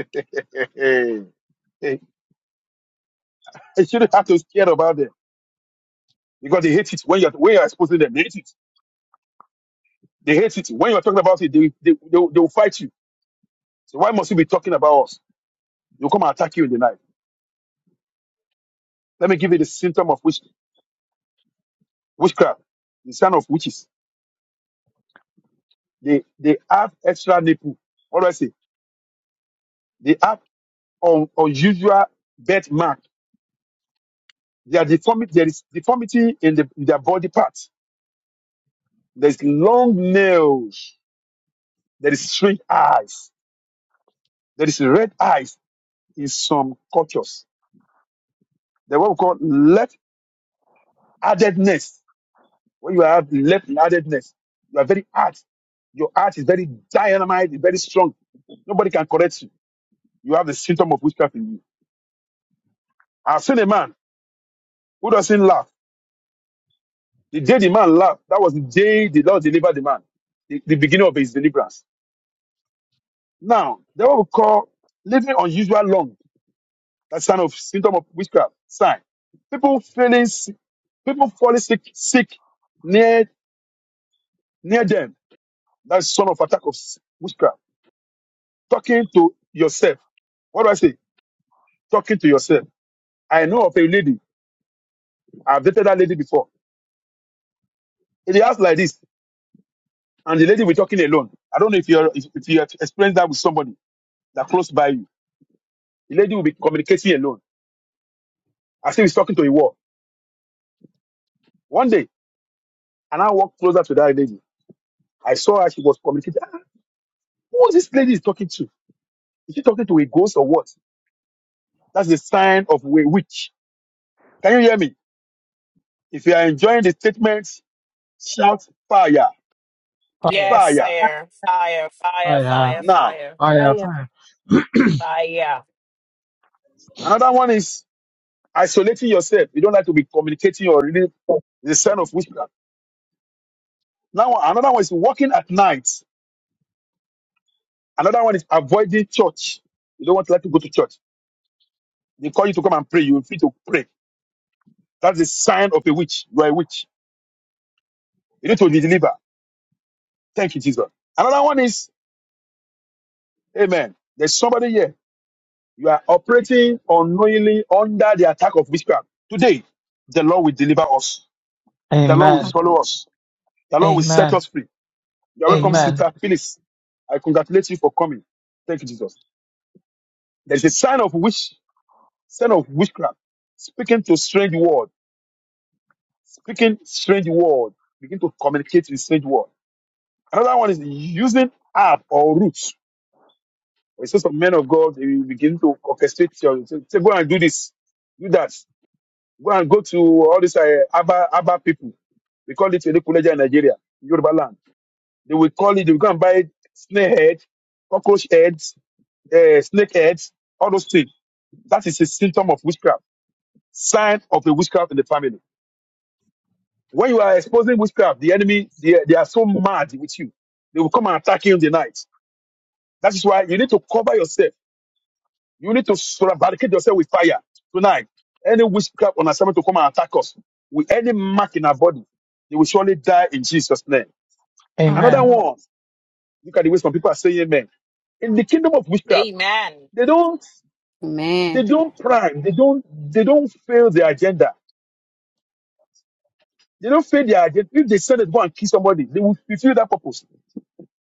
S3: you shouldn't have to scare about them because they hate it when you're when you're exposing them. They hate it. They hate it. When you're talking about it, they, they, they, will- they will fight you. So why must you be talking about us? They'll come and attack you in the night. Let me give you the symptom of witch, witchcraft, the sign of witches. They they have extra nipple. What do I say? They have un, unusual birth mark. They are deformity. There is deformity in, the, in their body parts. There is long nails. There is strange eyes. There is red eyes in some cultures. There what we call left-handedness. When you have left-handedness, you are very hard. Your heart is very dynamite, very strong. Nobody can correct you. You have the symptom of witchcraft in you. I've seen a man who doesn't laugh. The day the man laughed, that was the day the Lord delivered the man, the, the beginning of his deliverance. Now, that what we call living unusual long, that sign of symptom of witchcraft, sign. People feeling sick, people falling sick, sick near near them. That's son of attack of s- witchcraft. Talking to yourself. What do I say? Talking to yourself. I know of a lady. I've dated that lady before. In the house like this, and the lady we're talking alone. I don't know if you're if, if you have experienced that with somebody that close by you The lady will be communicating alone. As if he's talking to a wall. One day, and I walked closer to that lady. I saw her, she was communicating. Ah, Who is this lady is talking to? Is she talking to a ghost or what? That's the sign of a witch. Can you hear me? If you are enjoying the statement, shout fire,
S2: Fire.
S1: Yes,
S3: fire.
S1: fire, fire, fire,
S2: Fire.
S1: fire,
S4: Amen.
S3: Now,
S1: fire,
S5: I
S2: Fire. Fire.
S1: fire.
S3: another one is isolating yourself. You don't like to be communicating or really the sign of witchcraft. Now, another one is walking at night. Another one is avoiding church. You don't want to like to go to church. They call you to come and pray. You're free to pray That's the sign of a witch. You are a witch. You need to deliver. Thank you, Jesus. Another one is, Amen. There's somebody here. You are operating unknowingly under the attack of witchcraft. Today, the Lord will deliver us. The Lord will
S4: Amen.
S2: Amen.
S3: swallow us. The Lord will
S2: Amen.
S3: set us free. You are welcome,
S4: Amen.
S2: Amen.
S3: Sister Phyllis. I congratulate you for coming. Thank you, Jesus. There's a sign of witch, sign of witchcraft, speaking to strange word, speaking strange word, begin to communicate with strange word. Another one is using herb or root We saw some men of God, they will begin to orchestrate, your- say, say, go and do this, do that. Go and go to all these uh, Abba, Abba people. We call it Elekuleja in Nigeria, in Yoruba land. They will call it, they will go and buy snake head, cockroach heads, uh, snake heads, all those things. That is a symptom of witchcraft, sign of a witchcraft in the family. When you are exposing witchcraft, the enemy, they, they are so mad with you. They will come and attack you in the night. That is why you need to cover yourself You need to sur- barricade yourself with fire tonight. Any witchcraft on assignment to come and attack us with any mark in our body, they will surely die in Jesus' name. Another
S2: Amen.
S4: Amen.
S3: one, look at the way some people are saying amen. In the kingdom of witchcraft,
S1: Amen.
S3: they don't they
S6: Amen.
S3: don't prime, they don't they don't fail their agenda. They don't fail their agenda. If they send it go and kill somebody, they will fulfill that purpose.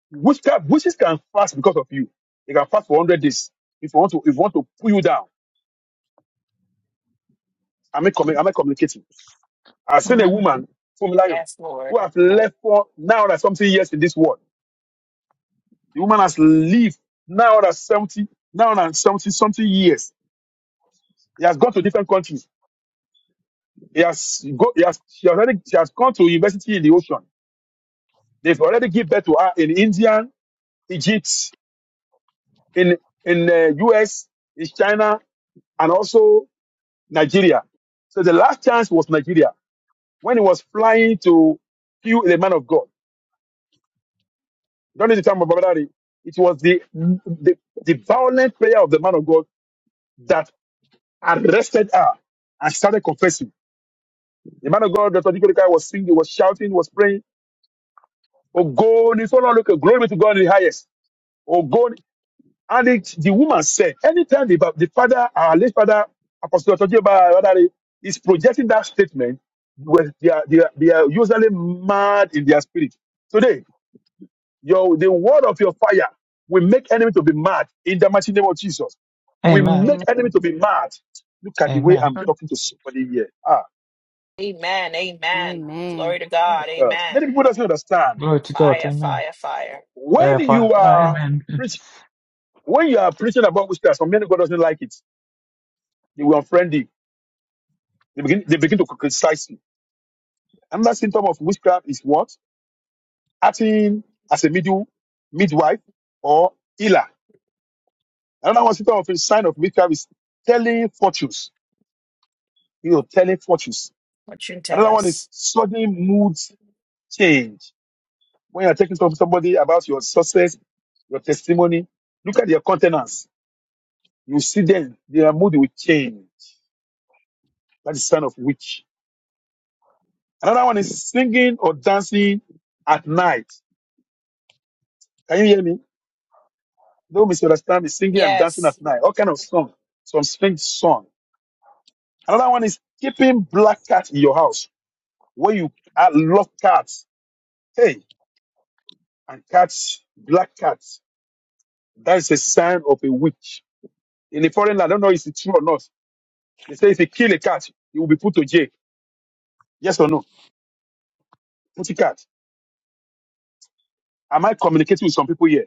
S3: Witchcraft, witches can fast because of you. They can fast for 100 days. If you want to, if you want to pull you down, am I, commu- am I communicating? I've seen a
S4: Amen.
S3: woman from Layo
S1: Yes, Lord.
S3: who have left for now that something years in this world. The woman has lived now that 70, now that 70 something years. He has gone to different countries. He has go, he has she has already she has gone to university in the ocean. They've already given birth to her in India, Egypt, in in uh, US, in China, and also Nigeria. So the last chance was Nigeria when he was flying to kill the man of God. during the time of Baba Daddy, it was the, the the violent prayer of the man of God that arrested her and started confessing. The man of God, Dr. Dikodekai, was singing, was shouting, was praying, Oh God, it's all look glory be to God in the highest. Oh God. And it, the woman said, anytime the, the father, our late father, Apostle Dr. Baba Daddy, is projecting that statement, well, they, are, they, are, they are usually mad in their spirit. Today, Your the word of your fire will make enemy to be mad in the mighty name of Jesus. We
S2: Amen.
S3: make
S4: Amen.
S3: enemy to be mad. Look at the way
S2: Amen.
S3: I'm talking to somebody here. Ah,
S1: Amen. Amen.
S6: Amen.
S1: Glory to
S3: ah,
S1: God.
S3: God.
S1: Amen.
S3: Many people doesn't understand.
S2: Glory to God.
S1: Fire,
S2: Amen.
S1: fire, fire.
S3: When
S2: Uh, for-
S3: you are
S2: amen.
S3: preach, when you are preaching about witchcraft, some many God doesn't like it. They will unfriend you. They begin they begin to criticize you. Another symptom of witchcraft is what? Acting as a middle midwife or healer. Another one symptom of a sign of witchcraft is telling fortunes. You know, telling fortunes
S1: What you tell
S3: Another one is
S1: us.
S3: sudden mood change. When you're talking to somebody about your success, your testimony, look at their countenance. You see them, their mood will change. That is sign of witch. Another one is singing or dancing at night. Can you hear me? Don't misunderstand me. Singing and dancing
S1: Yes.
S3: at night. All kind of song. Some strange song. Another one is keeping black cat in your house. When you uh, love cats, hey, and cats, black cats. That is a sign of a witch. in a foreign land. I don't know if it's true or not. They say if you kill a cat, you will be put to jail. Yes or no? Put a cat. Am I communicating with some people here?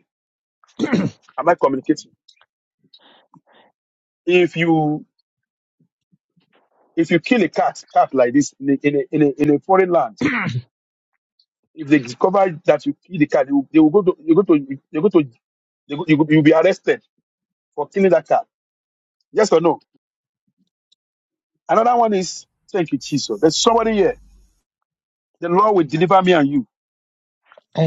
S3: Am I communicating? If you if you kill a cat, cat like this in a, in a, in a, in a foreign land, if they discover that you kill the cat, they will, they will go to you go to you go to they go, you will be arrested for killing that cat. Yes or no? Another one is thank you, Jesus. There's somebody here. The Lord will deliver me and you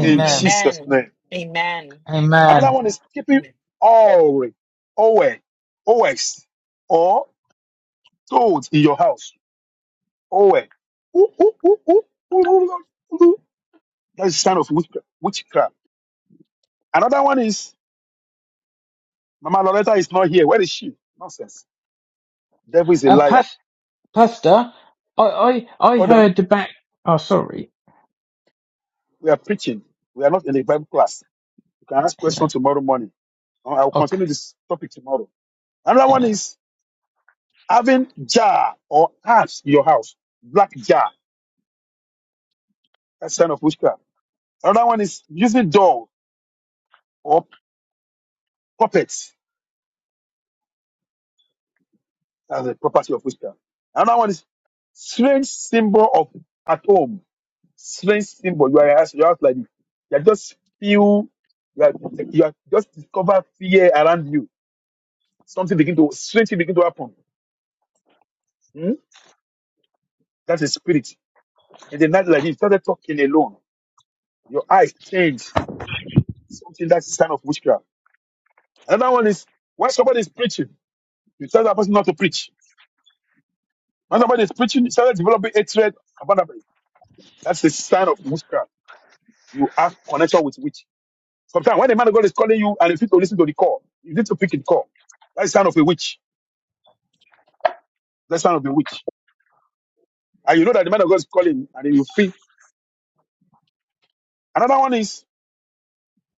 S3: in Jesus'
S1: Amen.
S3: name.
S1: Amen.
S3: Another
S2: Amen.
S3: one is keeping
S1: Amen.
S3: always, always, always, or toads in your house. Always. Ooh, ooh, ooh, oooo That is sign of witchcraft. witchcraft. Another one is Mama Loretta is not here. Where is she? Nonsense. Devil is a
S2: Uh,
S3: liar.
S2: pas- Pastor, I, I, I
S3: Hold on.
S2: heard the back. Oh, sorry.
S3: We are preaching. We are not in a Bible class. You can ask
S2: Amen.
S3: questions tomorrow morning. Uh, I will continue
S2: Okay.
S3: this topic tomorrow. Another one
S2: Amen.
S3: is having jar or herbs in your house. Black jar. That's sign of witchcraft. Another one is using dolls or puppets That's the property of witchcraft. Another one is strange symbol of at home. Strange symbol. You are you are like this. You are just feel you are, you are just discover fear around you. Something begin to strange thing begin to happen. Hmm? That's a spirit. And the night like this, you started talking alone. Your eyes change. Something that's a sign of witchcraft. Another one is when somebody is preaching, you tell that person not to preach. When somebody is preaching, you started developing hatred about that. person. That's a sign of witchcraft. you have connection with witch. Sometimes when the man of God is calling you and you need to listen to the call, you need to pick the call. That's the sound of a witch. That's the sound of a witch. And you know that the man of God is calling and then you feel. Another one is,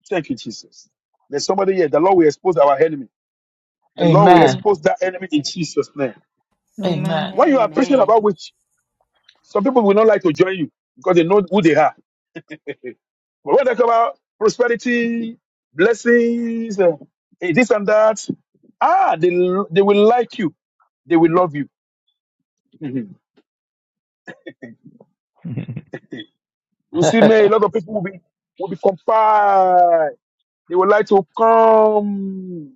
S3: thank you, Jesus. There's somebody here. The Lord will expose our enemy. The Lord will
S2: Amen.
S4: Amen.
S3: expose that enemy in Jesus' name.
S2: Amen.
S4: Amen.
S3: When you are preaching
S6: Amen.
S3: about witch, some people will not like to join you because they know who they are. But when they talk about prosperity, blessings, uh, eh, this and that, ah, they, they will like you. They will love you. You see, man, a lot of people will be will be compiled. They would like to come.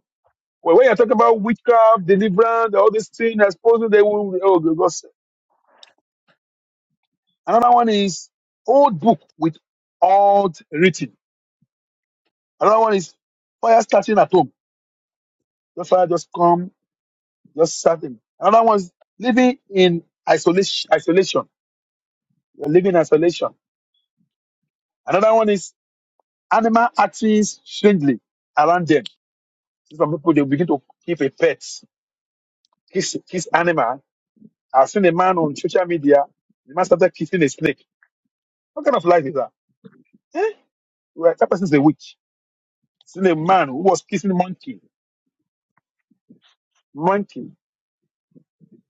S3: Well, when you're talking about witchcraft, deliverance, all these things, I suppose they will. Oh, because another one is old book with old written. Another one is fire starting at home. Just fire just come, just starting. Another one is living in isolation. Isolation. You're living in isolation. Another one is animal acting strangely around them. See, Some people they begin to keep a pet. kiss kiss animal. I've seen a man on social media. The man started kissing a snake. What kind of life is that? Eh? Well, that person is a witch. Seen a man who was kissing monkey. Monkey.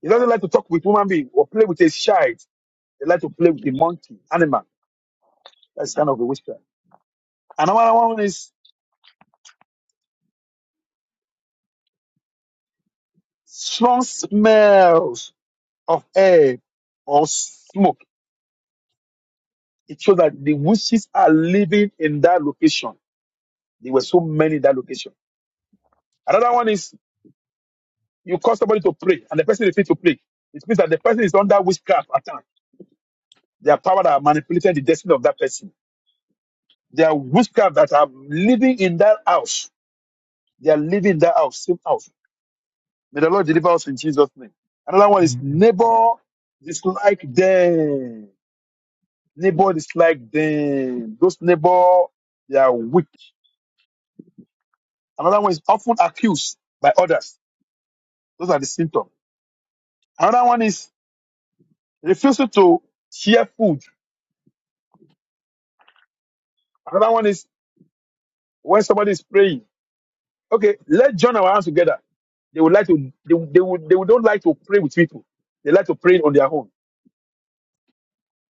S3: He doesn't like to talk with human being or play with a child. They like to play with the monkey animal. That's kind of a witchcraft. Another one is strong smells of air or smoke. It shows that the witches are living in that location. There were so many in that location. Another one is You cause somebody to pray, and the person refuses to pray. It means that the person is under witchcraft attack. There are power that are manipulating the destiny of that person. There are witchcraft that are living in that house. They are living in that house, same house. May the Lord deliver us in Jesus' name. Another one is
S2: amen.
S3: neighbor dislike them. Neighbor dislike them. Those neighbor, they are weak. Another one is often accused by others. Those are the symptoms. Another one is refusal to share food. Another one is when somebody is praying. Okay, let's join our hands together. They would like to. They, would- they would. They would don't like to pray with people. They like to pray on their own.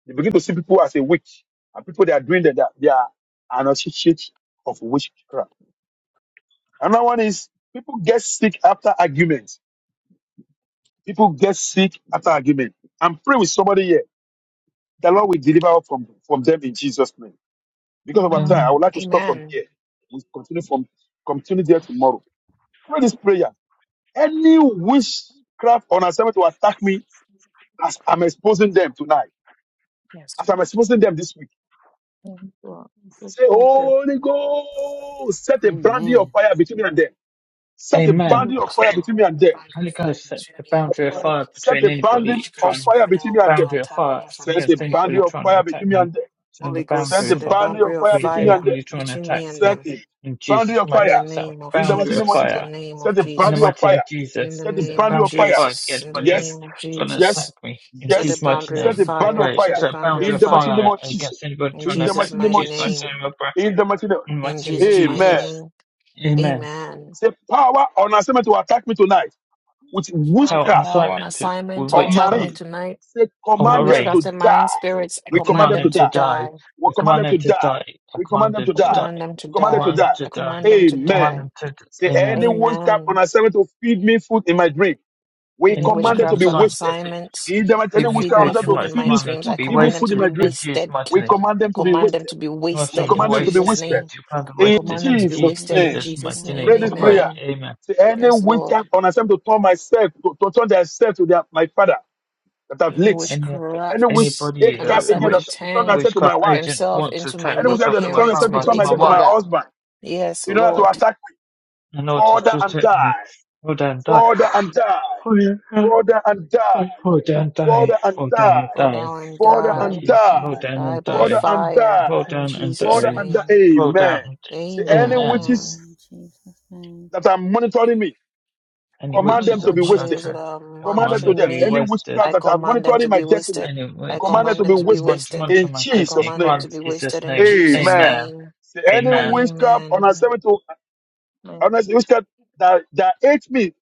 S3: They begin to see people as a witch, and people that are doing that, that they are an associate of witchcraft. Another one is people get sick after arguments. People get sick after argument. I'm praying with somebody here. The Lord will deliver us from from them in Jesus' name. Because of our time, I
S4: Amen.
S2: Amen.
S3: would like to stop from
S1: Amen.
S3: here. We continue from continue there tomorrow. Pray this prayer. Any witchcraft on assignment to attack me As I'm exposing them tonight,
S1: Yes,
S3: as I'm
S1: Lord.
S3: exposing them this week,
S4: Thank you.
S3: say,
S4: Just use it.
S3: Holy Ghost, set a boundary of
S6: Amen.
S3: fire between me and them. Set a
S2: Amen.
S4: Only
S3: boundary of
S1: Yes,
S3: fire
S1: Lord.
S3: between me and
S1: The
S3: them.
S1: bank
S2: Holy
S1: of fire
S2: Ghost set
S1: between
S2: the
S1: me and
S2: boundary of
S4: power,
S1: them.
S2: fire
S3: Set
S2: between
S3: a
S1: Any
S3: boundary
S2: anybody
S1: witchcraft
S3: of
S2: trying
S3: fire
S1: spirit that
S3: between me
S1: will want
S3: and them.
S1: to
S2: boundary of
S1: attack
S2: fire
S1: me for this
S3: Set a
S2: against
S1: prayer.
S3: boundary
S2: anybody
S3: of
S2: trying to
S3: fire between
S2: attack
S3: me
S2: me.
S3: and them.
S2: So the
S1: Holy Ghost,
S2: boundary
S3: Set a
S2: of
S1: set a
S2: fire
S3: boundary
S1: boundary
S3: of
S1: of
S3: fire
S2: between
S3: between me and
S1: fire
S3: them.
S2: anybody trying to
S1: between
S2: attack
S1: me and
S3: Set
S2: me
S1: them.
S3: a
S2: in
S3: boundary
S2: Jesus'
S3: of
S1: In
S2: mighty
S1: the
S3: fire.
S2: name. Set a
S1: name of
S3: In the mighty
S2: boundary of
S3: name of
S1: Jesus. In
S3: Jesus.
S1: the
S2: fire
S1: name of
S3: Set a
S2: in the
S3: boundary
S1: Jesus.
S3: of
S2: mighty name
S3: fire.
S2: of
S1: In
S2: Jesus.
S1: the
S3: Set a
S2: Set a
S1: name of
S3: boundary of
S2: boundary of
S3: fire.
S2: fire
S1: Jesus,
S2: against
S1: in the
S2: anybody
S3: Yes.
S1: name of
S2: trying to
S3: Yes.
S2: attack
S1: Jesus,
S2: me in
S1: set a
S2: Jesus'
S3: Yes.
S2: mighty
S1: boundary of
S3: Set
S2: name.
S3: a
S2: I
S3: boundary
S1: fire,
S3: of
S2: pray.
S3: fire.
S1: set a
S2: Set a
S1: boundary of
S2: boundary
S3: In
S2: of
S3: the mighty
S1: fire.
S3: name
S2: fire
S3: of Jesus.
S2: against anybody
S1: In
S2: trying
S3: In
S2: to
S3: the
S2: attack
S1: Jesus'
S3: mighty
S2: me. in
S3: name
S1: mighty
S3: of
S2: Jesus' mighty
S3: Jesus.
S1: name,
S2: name. I pray.
S3: In the mighty name.
S2: In the
S1: in
S2: mighty name of
S1: Jesus' mighty
S3: Amen.
S2: Jesus.
S1: name,
S2: Amen.
S1: amen.
S3: Say power on assignment to attack me tonight with
S4: power,
S2: Power and
S3: witchcraft
S1: Thou on
S2: assignment to,
S1: assignment
S2: with
S1: to
S3: or
S1: attack
S4: power,
S1: me
S2: witchcraft
S3: marine.
S1: tonight
S3: Say
S2: on
S1: with
S2: my
S3: command them
S2: reign.
S3: to
S1: witchcraft and
S3: die.
S1: marine spirits, I
S3: We
S2: I
S3: command
S1: command
S2: command
S3: them to
S2: him
S1: them to
S2: to
S3: die.
S2: die.
S1: die.
S3: We
S2: I
S3: command
S2: command
S3: them
S2: him
S3: to
S2: to
S3: die.
S2: die. I
S3: We command
S2: command
S3: them
S2: him
S3: to die.
S4: power,
S2: to die.
S1: Command them to
S3: We
S2: I
S3: command them to
S2: command him
S1: die.
S3: die.
S2: to
S1: I
S2: die. I
S1: command them to
S3: Amen.
S2: command him
S1: die.
S2: to die.
S3: Say,
S2: Amen.
S3: any witchcraft cap on
S1: Amen.
S3: assignment to feed me food in my dream, we
S1: Any
S3: command
S2: Anybody
S4: and
S3: it
S2: on
S3: to be
S1: witchcraft on
S2: assignment to
S3: wasted.
S2: feed,
S1: assignment
S3: In the
S2: to
S3: mighty
S1: to
S3: any
S2: feed me
S1: feed
S3: witchcraft cap on
S2: food
S1: me
S2: in
S1: food
S3: assignment
S2: my
S3: to
S1: in
S3: feed
S1: my
S3: me
S2: command them
S1: dreams,
S2: to
S3: food,
S1: I
S2: be
S3: evil
S1: command them
S3: food
S1: to
S3: in
S2: wasted
S1: be
S3: my dream,
S2: in Jesus'
S1: wasted,
S2: mighty
S3: we
S2: name.
S3: command them to be
S1: command them
S3: wasted.
S1: to be
S2: In My
S3: We
S1: wasted
S2: servant to
S1: in
S3: command them to be
S1: Jesus'
S2: wasted
S3: wasted.
S2: in
S1: name.
S2: to command
S1: I
S3: In
S6: In
S1: command
S2: wasted
S6: the
S1: them
S2: in
S1: to be
S6: name
S3: Jesus'
S6: of
S1: wasted in
S3: name,
S2: Jesus'
S1: Jesus'
S2: mighty
S6: Jesus,
S1: name.
S3: pray
S2: name. I
S3: this
S2: pray.
S3: prayer.
S1: Amen.
S2: Amen.
S3: Say, any
S1: Yes, Lord.
S3: witchcraft cap on assignment to turn myself, to, to turn themselves to their, my father that have
S1: Any
S3: leaks.
S2: Any
S3: Any witch
S1: witchcraft
S2: anybody
S1: on
S3: cap
S2: uh,
S3: agent
S1: assignment to
S3: that
S2: which
S3: to turn
S1: turn
S3: themselves to my
S2: witchcraft
S3: wife.
S2: agent
S1: themselves
S2: wants to
S1: into my
S2: return
S3: Any
S1: late
S3: witchcraft
S2: myself
S3: cap that
S2: to
S3: to
S2: my
S3: turn
S1: parent,
S3: themselves to
S1: my
S2: father,
S3: turn
S2: to my
S1: late
S3: myself to my
S2: wife,
S1: mother.
S3: husband
S1: Yes,
S3: in order to
S1: Lord.
S3: attack me,
S2: in order
S3: father
S2: to
S3: and
S2: take me,
S3: die.
S2: go down and
S4: power,
S2: die.
S3: further and die,
S2: Oh yeah.
S3: further and die,
S2: Like, Vote and die.
S3: further and
S2: Vote down
S3: die,
S2: and
S1: Go
S2: die.
S1: down and
S3: further
S2: In
S1: die.
S4: power,
S3: and
S6: we
S2: Jesus.
S3: die,
S2: Vote
S6: die
S2: down
S1: Die
S2: and
S1: by
S3: further
S2: die.
S3: and
S1: fire
S3: die,
S2: Vote
S1: in
S2: down and
S1: Jesus'
S3: further
S2: die.
S3: and die.
S1: name.
S2: Vote down
S3: Amen.
S2: and
S3: See, any
S6: and
S4: and
S6: die
S2: Amen.
S1: Amen.
S3: witches
S6: in Jesus' name.
S3: that are monitoring me,
S2: Any
S3: command
S2: witches
S3: them to
S2: that
S3: be
S1: which
S3: wasted.
S1: is
S2: monitor,
S1: uh,
S2: I
S3: Command them
S2: command
S3: to
S2: them
S1: monitoring
S2: to
S3: death.
S2: be
S3: Any
S1: me.
S2: wasted.
S3: witchcraft
S1: I
S3: that are
S1: command them
S3: monitoring
S1: to
S3: my
S1: be
S3: destiny,
S1: wasted.
S2: Any
S1: I
S3: command them
S2: witches
S1: command
S3: to
S2: that
S1: them
S3: be
S1: to be
S3: wasted.
S2: want to
S1: wasted.
S2: monitor
S3: In
S2: my
S1: I
S2: destiny,
S3: Jesus'
S2: I
S1: command them
S2: command
S1: to
S3: name.
S1: be
S2: in Jesus'
S1: wasted in
S2: name.
S1: Jesus'
S3: Amen.
S2: Amen.
S1: name.
S3: See, any
S2: Amen.
S3: witchcraft on a
S1: Amen.
S3: seven to
S4: power.
S3: on a witchcraft that, that hate me,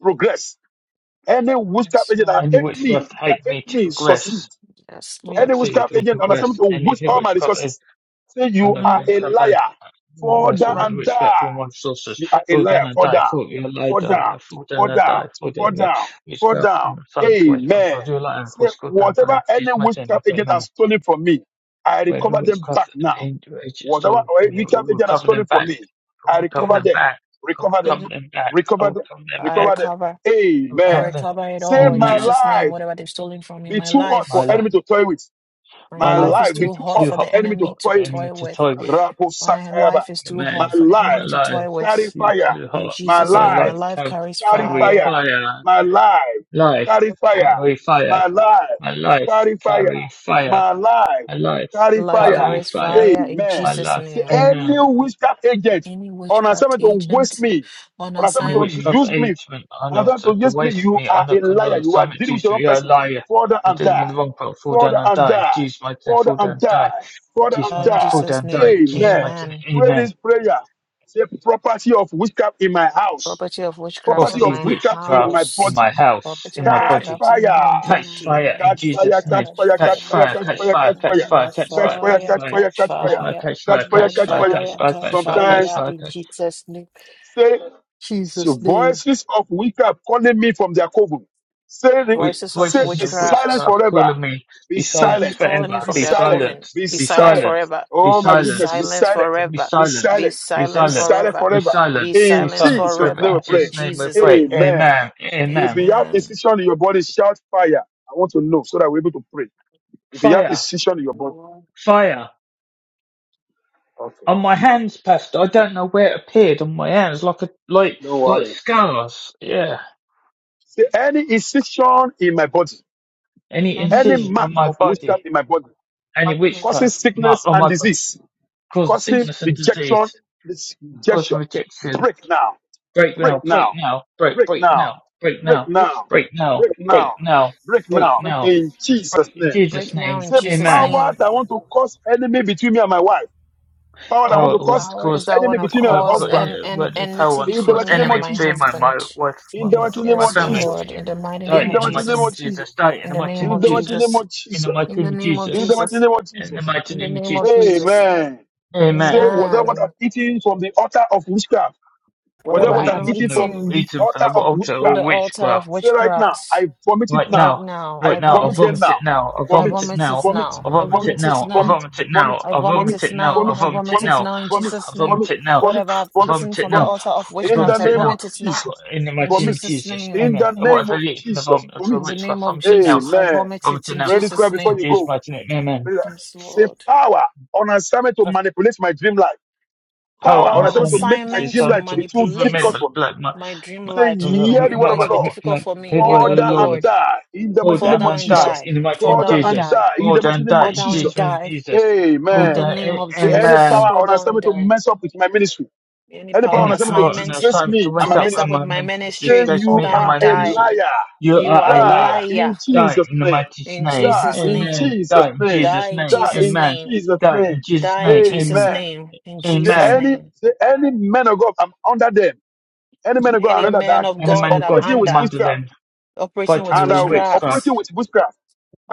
S3: progress. Any witchcraft
S1: Yes,
S3: agent that
S2: Any
S3: hate
S1: Lord.
S3: me,
S2: witchcraft
S3: that
S2: hate
S3: hate
S2: me to
S3: me, succeed.
S2: progress,
S1: Yes,
S4: Me,
S3: Any
S1: Lord.
S2: succeed,
S3: witchcraft
S2: or
S3: agent on assignment
S2: progress.
S3: to
S2: Any
S3: waste all my
S2: witchcraft
S3: resources. Say
S2: and
S3: you
S2: of
S3: are
S4: only
S2: things
S3: a
S2: that they
S3: liar. Fall
S4: this
S2: waste
S3: down
S2: all
S4: man,
S2: my
S3: and
S2: respect
S3: die.
S2: for my sources.
S3: You
S4: but
S3: are a
S2: Fall
S3: liar.
S2: down and
S3: Fall
S2: die,
S3: down.
S2: fall you lie
S3: Fall down.
S2: die, fall
S3: Fall
S2: down and
S3: down.
S2: die, fall down
S3: Fall
S2: you
S3: down. Fall
S2: witchcraft
S3: down.
S2: and some to waste my
S3: Amen.
S2: source, you lie and fall
S3: Say
S2: school down die,
S3: whatever
S2: use
S3: any
S2: my name of
S3: witchcraft
S2: great
S3: agent
S2: many.
S3: has stolen from me, I
S2: Whatever
S3: recover them
S2: witchcraft
S3: back now.
S2: and the agent
S3: Whatever
S2: stolen from
S3: wicked
S2: me, I will
S3: agent has
S2: recover them
S3: stolen from
S2: back,
S3: me,
S2: I will
S3: I
S4: there
S2: recover
S3: recover
S4: was
S2: them
S3: them,
S2: back, I will
S3: recover them,
S4: there's
S2: recover
S4: a
S2: them back, I will
S3: recover them,
S2: recover them
S1: I
S2: back,
S3: recover them.
S1: recover.
S2: I will
S1: I
S3: Amen.
S2: recover them. back.
S1: recover it
S3: Say,
S1: all in
S3: my
S2: Amen.
S1: Jesus' name.
S3: life
S1: Whatever they've stolen from me,
S3: be
S1: my
S3: too hot for
S2: My
S1: life.
S2: life,
S3: enemy to toy with.
S1: My
S2: my
S3: My
S1: life
S2: life
S1: is
S3: life
S4: good
S3: be
S2: be
S1: too
S3: too
S1: hot
S3: hot
S2: too
S1: for
S3: for
S2: hot,
S1: the
S3: enemy to
S1: enemy
S2: hot
S1: to
S2: for
S3: toy with.
S2: anyone
S1: toy
S2: to
S1: with.
S2: toy with.
S3: Rapo
S1: My
S3: Sakayaba.
S1: life is too
S3: My
S1: hot
S2: Amen.
S1: for the
S2: My
S1: enemy
S3: life
S1: to toy
S2: life
S3: carry
S1: with.
S2: beat
S3: fire.
S2: to the
S1: In
S2: heart
S3: My
S2: of
S1: Jesus'
S2: God.
S1: name, my
S2: Life
S3: life
S1: life
S2: can
S1: carries
S3: carry
S2: carry
S1: fire.
S3: fire.
S2: fire.
S3: My life
S2: Life
S3: carry fire.
S2: carry fire.
S3: My life
S2: My life
S3: carry fire.
S2: carry fire.
S3: My life
S2: My life
S3: carry
S1: Life
S3: fire.
S2: carry
S1: carries
S2: fire.
S1: fire in
S3: Amen.
S2: My
S1: Jesus'
S2: life.
S3: See,
S1: name.
S2: Amen.
S3: any witchcraft agent
S1: Any
S3: on
S1: witchcraft
S3: assignment to waste
S1: agent
S3: me,
S1: on
S3: on
S2: Any
S3: assignment to
S1: assignment
S2: witchcraft
S3: use me,
S2: agent on
S3: on
S2: us
S3: assignment
S2: to
S3: to
S2: to
S3: use me,
S2: waste
S3: you
S2: me
S3: are
S2: on a
S3: a liar.
S2: condor
S3: You are
S2: assignment
S3: dealing
S2: due
S3: with
S2: to
S3: your
S2: you,
S3: own
S2: you're a
S3: person.
S2: liar.
S3: Further
S2: You're
S3: and
S2: dealing with the
S3: die.
S2: wrong part, fall down
S3: Further
S2: and
S3: and
S2: die.
S3: die.
S2: Jesus mighty name,
S3: Further
S2: fall down
S3: and
S2: and die.
S3: die. Further
S2: Jesus
S3: and
S1: uh,
S2: mighty
S1: in
S2: name,
S3: die.
S2: fall down
S1: Jesus'
S2: and
S1: name.
S2: die. Jesus
S3: Amen.
S2: mighty name,
S1: Amen.
S3: Pray
S2: amen.
S3: this prayer. Say, property of witchcraft in my house,
S1: Property of witchcraft
S4: offer
S3: property
S1: in
S2: Property
S3: of
S4: to
S1: my
S3: witchcraft in
S2: witchcraft
S3: my
S2: in
S1: house.
S3: body.
S2: my house,
S1: Property
S2: in
S1: of
S2: my
S3: Catch
S2: body
S6: Captive
S1: witchcraft
S6: is
S1: in
S3: fire.
S6: trapped
S1: my
S6: in my
S2: Catch
S1: body.
S2: fire
S6: house.
S2: in
S3: Catch
S1: Catch
S3: fire,
S2: Jesus'
S1: fire,
S6: Blood
S2: name.
S3: catch
S6: by
S1: catch
S3: fire,
S1: fire,
S3: catch
S2: Catch
S6: fire
S3: fire,
S2: fire,
S1: catch
S6: in
S3: catch
S2: catch
S1: fire.
S3: fire,
S2: fire,
S3: catch
S6: Jesus'
S2: catch
S3: fire.
S6: name.
S2: fire,
S1: Catch
S2: catch
S6: Catch
S3: Catch
S2: fire,
S3: fire,
S2: catch
S1: fire,
S6: fire
S3: catch
S2: fire.
S3: fire,
S1: catch
S3: catch
S2: Catch
S3: fire.
S2: fire,
S1: fire.
S2: catch
S6: in
S2: fire,
S3: Catch
S6: the
S3: fire,
S2: catch
S1: Catch
S3: catch
S6: name
S2: fire,
S6: of
S3: fire.
S2: catch
S1: fire,
S2: fire,
S1: catch
S2: catch
S6: Jesus.
S2: fire, catch
S3: Sometimes
S1: fire
S2: fire. Catch...
S1: in
S2: fire.
S1: Jesus' name.
S3: Say, so
S1: Jesus' name.
S3: voices of wicked calling me from their coven. Say, the-
S2: We-
S1: Voices of
S3: say,
S2: voices
S3: be
S2: of
S1: witchcraft.
S3: silent
S2: witchcraft
S3: forever.
S2: calling me,
S3: Be
S2: be
S4: body
S2: silenced
S3: silent.
S1: calling me
S2: forever,
S3: Be
S1: from
S2: be
S1: their
S3: silent.
S1: coven.
S2: silenced,
S3: Be
S1: Be
S2: be
S1: silent
S3: silent.
S2: silenced,
S1: forever.
S2: be
S3: Oh my
S1: Be
S3: goodness. Be
S2: silenced,
S1: silent
S3: silent.
S2: be
S1: forever.
S3: Be
S2: silenced,
S1: Be
S3: silent.
S2: be
S3: Be
S1: silent
S2: silenced,
S3: silent
S1: forever.
S2: be
S3: forever.
S1: Be
S2: silenced, be
S3: In
S1: silent
S2: silenced
S3: Jesus'
S2: forever.
S3: name
S1: forever.
S3: we
S2: In
S3: pray.
S1: In
S2: Jesus' name we
S1: Jesus'
S2: pray.
S1: name.
S3: Amen.
S2: Amen,
S3: If
S2: amen.
S3: you have
S1: Amen.
S3: incision in your body, shout fire. I want to know so that we're able to pray. If you have
S2: Fire,
S3: incision in your body,
S2: fire.
S3: okay,
S2: On my hands, Pastor, I don't know where it appeared on my hands, like a, like,
S3: no
S2: like
S3: worry.
S2: scars. Yeah.
S3: Say any incision in my body,
S2: Any
S4: any
S3: any
S2: incision on
S3: mark
S2: my
S3: of
S2: body,
S3: witchcraft in my body.
S2: any
S4: impacting of
S3: causing
S2: witchcraft mark
S3: sickness
S2: on
S3: and
S2: my body,
S3: disease,
S2: causing
S3: causing
S4: since
S2: sickness and
S3: rejection,
S2: disease,
S3: this
S2: causing
S3: rejection.
S2: rejection.
S3: Break now,
S2: Break
S3: break
S2: now,
S4: just
S2: break
S3: now,
S2: now, break,
S3: break
S2: break
S3: now,
S2: now, break
S3: break
S2: now,
S4: with
S3: now,
S2: break now,
S4: the
S3: break
S2: break
S3: now,
S2: now,
S3: break
S2: break
S3: now,
S4: with
S2: now.
S3: in Jesus'
S2: Break in
S3: name.
S6: In
S2: Jesus'
S1: Break now
S2: name,
S1: in
S3: Say
S6: Jesus'
S1: Jesus'
S2: Amen.
S6: name.
S3: power
S1: name.
S3: that want to cause enemy between me and my wife, power that want
S4: power,
S2: Power
S3: to
S4: of
S2: want
S3: cause
S2: to
S1: Power is
S2: cause,
S1: that want
S3: enemy
S1: to
S3: between me
S2: uh,
S3: and
S2: uh,
S3: my
S1: cause
S3: husband,
S1: um, an
S6: Father,
S2: power
S1: enmity
S6: in
S2: want
S6: the
S2: to
S3: in the
S2: cause
S1: between
S3: mighty
S1: me
S3: name
S1: and
S3: of
S2: enemy
S1: my
S3: Jesus,
S6: name
S2: between
S6: of
S2: my,
S6: Jesus,
S2: my
S1: husband.
S2: wife,
S3: in
S2: my,
S3: the
S2: my
S3: mighty
S2: daughter,
S3: name
S2: my
S1: Yes,
S3: of
S2: family.
S6: these
S3: Jesus,
S1: Lord.
S6: people,
S1: In the
S6: God.
S1: mighty
S2: Die
S1: name
S3: in
S1: of
S3: the
S2: in the
S3: mighty
S2: mighty
S3: name
S2: name
S1: Jesus.
S2: of
S3: of Jesus,
S2: Jesus. Die in
S1: In
S2: the
S1: the
S2: mighty
S1: name
S2: name of
S3: in
S1: of
S3: the mighty name
S2: Jesus.
S1: Jesus.
S3: of
S2: In the
S3: Jesus,
S2: mighty
S1: In the
S2: name of
S1: name of
S3: in the
S2: Jesus.
S3: mighty
S1: Jesus.
S3: name of
S2: In the
S3: Jesus.
S2: mighty
S1: In the
S2: name of
S1: name of
S2: Jesus.
S1: Jesus.
S3: Amen.
S2: Amen.
S3: Say,
S4: man,
S3: was that what I'm
S1: Amen.
S3: eating from the altar of witchcraft? Was
S1: Whatever
S3: that
S2: What I've
S3: what
S1: I
S3: I'm
S1: have
S2: eaten
S4: whatever
S2: from
S3: eating
S2: the
S3: from
S1: eaten
S3: the
S2: eaten from
S3: altar
S2: the
S3: of
S2: altar
S1: From
S2: or
S3: witchcraft?
S1: the altar of
S2: witchcraft?
S3: Say right now,
S1: witchcraft,
S3: I vomit it
S2: Right
S3: now.
S1: right
S2: now,
S1: now,
S3: I
S2: right
S1: I
S4: God
S2: now I
S3: vomit
S1: vomit
S3: them
S1: it.
S2: vomit
S3: now.
S2: it now. I
S1: I
S3: Vomit,
S2: vomit it
S1: vomit
S2: now.
S1: it
S3: vomit,
S1: now.
S2: I
S1: I
S2: vomit
S3: vomit,
S2: it
S1: vomit it
S2: now. I
S3: vomit,
S1: now.
S2: vomit it now.
S1: I
S2: I
S1: vomit
S3: vomit,
S2: vomit it
S1: it
S2: now.
S1: now.
S2: I
S3: vomit,
S1: I
S2: vomit it
S1: vomit it
S3: vomit,
S2: now.
S1: now
S3: vomit,
S1: in
S3: vomit,
S2: I
S1: Jesus' name.
S2: vomit
S3: vomit,
S2: it now.
S3: vomit,
S1: Whatever I've
S2: I
S3: vomit,
S1: eaten
S2: vomit it
S1: from the
S2: now.
S3: vomit.
S1: altar of
S2: I
S3: In the
S1: witchcraft,
S2: vomit
S1: I
S2: it
S3: name
S2: now.
S3: of
S1: vomit it now.
S3: Jesus,
S2: In the
S1: In
S2: mighty
S3: vomit.
S1: Jesus'
S2: Jesus,
S1: name.
S3: In
S2: Amen.
S3: the name
S2: Whatever
S3: of
S2: I eat from the
S3: Jesus,
S2: altar or
S1: In
S3: vomit.
S1: the
S2: witchcraft,
S1: name of
S2: vomit it now.
S1: Jesus, I
S3: Amen.
S1: vomit
S2: Vomit
S1: it
S2: it
S1: in
S2: now.
S3: Pray this prayer
S1: Jesus'
S3: before you
S1: name.
S2: Jesus
S3: go.
S2: mighty name, Amen.
S3: Pray that.
S1: Yes,
S3: Say
S1: Lord.
S3: power on assignment to manipulate my dream life power
S2: Power and
S1: Power
S3: on
S4: power
S1: on
S4: of
S3: assignment to
S2: assignment.
S3: make my
S2: This is
S1: assignment
S3: dream
S1: to
S2: something
S3: life to
S2: to
S3: be too difficult
S2: remember
S1: manipulate
S3: for me.
S2: like my
S1: my dream
S2: my
S3: Say,
S1: life, to make my
S2: my
S3: hear the
S1: dream
S3: word of
S1: life
S2: my
S3: the
S1: to be
S3: Lord.
S1: difficult
S2: like
S1: for me.
S2: paid
S1: Hear
S2: by
S1: the
S2: the
S3: Father
S1: word of the
S2: Lord.
S3: and
S1: Lord.
S3: die in the
S2: Fall
S3: mighty
S1: Fall
S2: down
S3: name of
S1: down
S2: and
S1: and
S2: die
S3: Jesus.
S1: die.
S2: in the mighty
S1: Fall
S2: name of
S3: Father
S1: down and
S3: and
S2: Jesus.
S1: die.
S3: die in
S2: Fall
S3: the
S2: down
S3: mighty
S2: and
S3: name
S2: die
S1: Fall
S3: of
S2: in
S1: down and
S2: Jesus'
S3: Jesus.
S2: name,
S1: die.
S2: Jesus. Fall
S1: In the
S3: Amen.
S2: down
S1: name
S2: a-
S1: of
S3: Say,
S2: any
S3: any
S1: Jesus,
S3: power
S2: man,
S1: fall
S3: on
S1: down and
S3: assignment to
S1: die.
S3: mess up with my ministry,
S1: Any
S3: any power
S1: power and
S3: on
S4: any
S2: any
S3: assignment to
S2: power and
S1: assignment
S3: disgrace
S2: assignment to
S3: me and
S1: to
S2: mess
S3: my
S2: up
S1: mess
S2: in
S1: up with
S3: ministry,
S2: my
S1: my
S2: ministry,
S3: say,
S1: ministry,
S2: disgrace
S1: fall
S3: you
S2: me
S1: down
S2: and
S3: are
S1: and
S2: my
S3: a
S1: die.
S2: ministry.
S3: liar.
S2: You
S1: You
S2: are
S1: are
S2: a
S1: a
S3: Die
S2: liar.
S1: liar.
S3: in
S2: Die
S3: Jesus'
S2: in the
S3: name.
S2: mighty
S1: In
S3: Die
S2: name.
S1: Jesus'
S3: in
S1: name,
S2: Amen.
S3: Jesus'
S2: Die in
S3: name.
S1: die
S2: Jesus'
S1: in
S2: name.
S3: Die
S1: Jesus'
S3: in
S2: Amen.
S1: name,
S3: Jesus'
S2: Die in
S3: name.
S2: Jesus'
S1: die in
S2: name.
S1: Jesus'
S2: Amen.
S3: Amen.
S1: name, in
S3: Say
S1: Jesus'
S2: Amen.
S3: any
S1: name.
S3: say any man of God, I'm under them. Any man of God, I
S1: Any
S3: another
S1: man
S3: that
S1: of
S2: Any
S3: that's
S1: God
S2: man
S1: that
S2: of
S1: I'm
S2: God
S3: operating with
S1: under,
S2: among
S3: witchcraft
S2: them,
S1: operating
S2: fight me
S4: of
S1: with
S3: and
S4: the
S2: with
S3: uh, operating
S2: witchcraft.
S1: witchcraft,
S3: with witchcraft.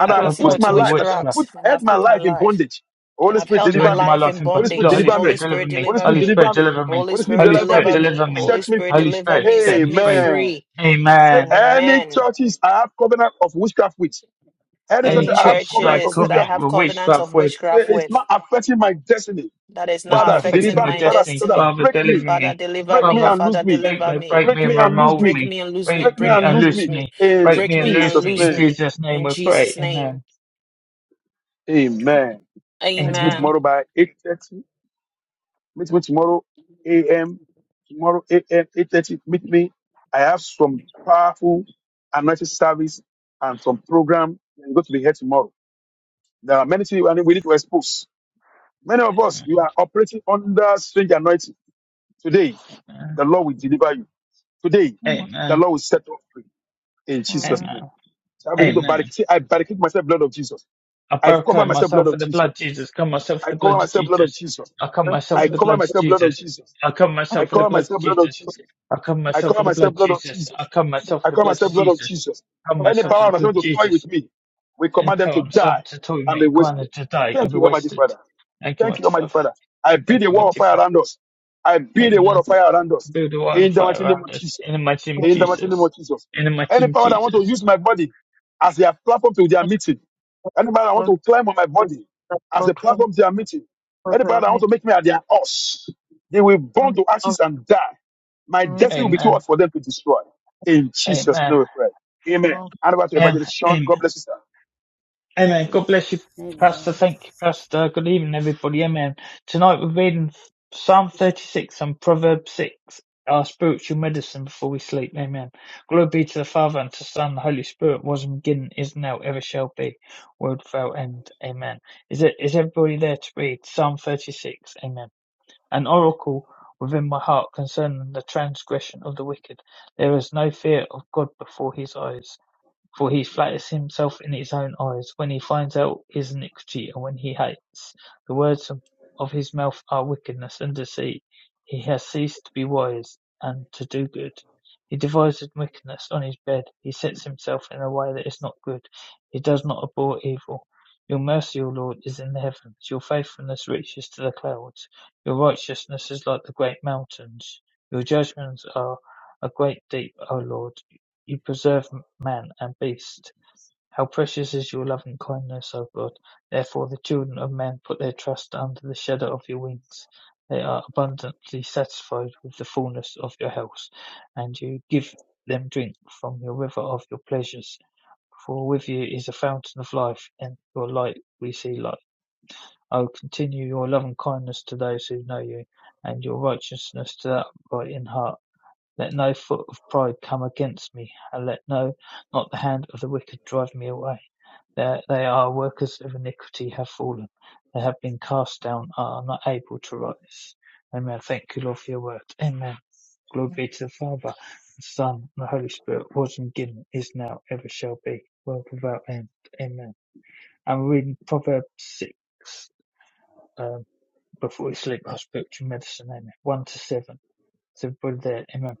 S3: And
S2: I-
S3: I
S2: I'll
S4: craft
S3: put
S1: with
S2: fight
S3: my
S2: him with
S3: life, that I
S2: witchcraft.
S1: witchcraft,
S3: put
S1: and
S3: I had
S1: I've
S3: my
S1: put my
S3: life in
S1: life,
S3: bondage.
S1: and
S3: Holy
S1: I've
S3: Spirit,
S1: held
S4: and
S2: to
S1: my
S3: deliver
S2: end
S3: me.
S2: my
S1: life
S2: life
S1: in
S2: in
S3: Holy
S2: prayer.
S3: Spirit,
S2: Lord,
S1: bondage.
S2: Holy
S3: deliver
S1: Holy
S2: Spirit,
S3: me.
S2: deliver
S1: Spirit,
S2: me.
S3: Holy
S1: deliver
S3: Spirit,
S2: Holy
S1: me.
S2: Spirit,
S3: deliver me.
S2: deliver me.
S1: Holy
S3: Holy Spirit,
S1: Spirit,
S2: Holy
S3: deliver
S2: Spirit,
S1: deliver
S3: me.
S1: me.
S2: deliver me.
S1: Holy
S3: Set me
S1: Spirit,
S3: free.
S2: Holy
S1: deliver
S2: Spirit,
S1: me.
S2: set
S1: Set
S2: me
S1: me
S2: free.
S3: Amen.
S1: free.
S3: Say
S2: Amen.
S3: any
S1: Amen.
S3: churches I have covenant of witchcraft with. Any church
S2: Any
S1: Any
S4: any
S3: I have
S2: churches that
S3: covenant
S2: I've
S3: of
S1: churches that I
S3: witchcraft
S2: covenant
S3: with.
S1: have
S2: with
S1: covenants of
S2: witchcraft with
S3: Say
S1: witchcraft
S3: it's
S1: with
S3: not affecting my destiny.
S1: that is
S2: has
S1: now
S2: now
S3: Father,
S4: charity.
S2: affected
S1: affecting
S3: deliver
S2: my
S3: me.
S1: my
S3: Father,
S2: destiny.
S3: so that
S1: destiny.
S2: Father,
S3: break me.
S2: deliver
S1: Father,
S2: me.
S1: deliver
S3: Break me
S1: me.
S2: Father,
S3: and lose
S1: Father,
S3: me.
S2: break
S1: deliver
S2: me,
S1: me.
S2: break
S3: Break
S2: me
S3: me
S2: and
S1: Break,
S3: and lose
S2: remold
S1: break
S3: me.
S2: me.
S1: me and lose me.
S2: Break
S3: Break me
S1: Break
S2: me
S1: me
S3: and
S2: and
S1: and
S3: lose
S1: lose
S2: loose
S3: me.
S1: me.
S2: me.
S3: In
S2: Break
S1: Break
S2: me and
S1: me
S2: loose
S1: and
S3: Jesus'
S2: me.
S1: lose
S2: In
S3: name.
S1: me.
S2: Jesus' name
S1: In
S2: we pray.
S1: Jesus' name.
S2: Amen.
S3: Amen. Meet me
S2: Amen.
S3: tomorrow
S1: Amen.
S3: by 8.30. Meet me tomorrow a.m. Tomorrow a.m. 8.30. Meet me. I have some powerful anointing service and some program. I'm to be here tomorrow. There are many things we need to expose. Many of us, you are operating under strange anointing. Today,
S2: Amen.
S3: the Lord will deliver you. Today,
S4: Uma
S3: the
S2: Amen.
S3: Lord will set you free. in Jesus'
S4: forma
S3: name.
S2: Amen.
S3: So I begin to
S2: Amen.
S3: barricade. say, I barricade myself, blood of Jesus.
S2: I
S3: I cover
S2: baptize
S3: myself, blood
S2: myself with
S3: of
S2: the
S3: Jesus.
S2: blood of Jesus. Come myself with
S3: I
S2: the blood
S3: cover
S2: of
S3: myself, blood of
S2: Jesus.
S3: Jesus.
S2: I come
S4: da
S2: myself
S3: I
S2: with
S4: coisa
S2: the
S3: cover
S2: blood of
S3: myself, blood of
S2: Jesus.
S3: Jesus.
S2: I come
S3: I
S2: myself with
S4: até
S2: the
S3: cover
S2: blood of
S3: myself, blood of
S2: Jesus.
S3: Jesus.
S2: I come
S4: que
S3: I
S2: myself with
S3: cover
S2: the blood
S3: myself,
S2: of
S3: blood of
S2: Jesus.
S3: Jesus.
S2: I come myself
S3: I
S2: with the
S3: cover
S2: blood of
S3: myself, blood of
S2: Jesus.
S3: Jesus.
S2: I come
S3: Any
S4: eu
S2: myself
S4: acho
S2: with the
S3: power that's
S2: blood
S3: going
S2: of
S3: to toy with
S2: Jesus.
S3: me, we
S2: Any
S3: command them
S2: power
S3: to
S2: and
S3: die
S2: silence to toy
S3: and
S2: me
S3: be
S2: and
S3: wasted.
S2: command to die and
S3: Thank
S2: be
S3: you, Almighty
S2: wasted.
S3: Father.
S2: Thank you,
S3: Thank you,
S2: mighty
S3: Almighty
S2: Father.
S3: Father. I
S4: que
S3: build
S2: Thank
S3: a
S2: you,
S3: wall of
S2: mighty
S3: fire
S2: Father.
S3: around us. I
S2: Hit
S3: build a
S2: me.
S3: wall of fire around us.
S2: Build a wild
S3: In the
S2: fire
S3: mighty name
S2: around
S3: of
S2: us.
S3: Jesus
S2: In the mighty name of
S3: in the mighty name
S2: Jesus.
S3: of Jesus.
S2: In the mighty
S3: Any
S2: name of
S3: power that want to
S2: Jesus.
S3: use my body as their platform to their meeting, any power that
S4: foi
S3: want
S4: one
S3: to climb on my
S4: with
S3: body
S4: the
S3: as a
S4: platform
S3: platform to their meeting,
S4: for
S3: any power that want
S4: the
S3: to make me at their us, they will burn
S4: and
S3: to
S4: of
S3: ashes and die. My
S4: make
S3: destiny will
S4: me
S3: be too
S2: Amen.
S3: hard for them to destroy. In Jesus'
S2: Amen.
S3: name we pray. Amen.
S4: down
S3: And over to Evangelist Sean.
S2: Amen.
S3: God bless you, sir.
S2: Hey man,
S4: to
S2: God bless you, Pastor.
S6: Amen.
S2: Thank you, Pastor. Good evening, everybody. Amen. Tonight we're reading Psalm 36 and Proverbs 6, our spiritual medicine before we sleep. Amen. Glory be to the Father and to the Son and the Holy Spirit, was and beginning, is now, ever shall be, world without end. Amen. Is it is everybody there to read Psalm 36? Amen. An oracle within my heart concerning the transgression of the wicked. There is no fear of God before his eyes. For he flatters himself in his own eyes, when he finds out his iniquity and when he hates. The words of his mouth are wickedness and deceit. He has ceased to be wise and to do good. He devises wickedness on his bed. He sets himself in a way that is not good. He does not abhor evil. Your mercy, O Lord, is in the heavens. Your faithfulness reaches to the clouds. Your righteousness is like the great mountains. Your judgments are a great deep, O Lord. You preserve man and beast. How precious is your loving kindness, O God! Therefore the children of men put their trust under the shadow of your wings. They are abundantly satisfied with the fullness of your house, and you give them drink from your river of your pleasures. For with you is a fountain of life, and your light we see light. O continue your loving kindness to those who know you, and your righteousness to the upright in heart. Let no foot of pride come against me, and let no not the hand of the wicked drive me away. They, they are workers of iniquity have fallen. They have been cast down, are not able to rise. Amen. Thank you, Lord, for your word. Amen. Glory be to the Father, the Son, and the Holy Spirit, was and given, is now, ever shall be, world without end. Amen. I'm reading Proverbs 6, um, before we sleep, our spiritual medicine. Amen. 1 to 7. It's everybody there. Amen.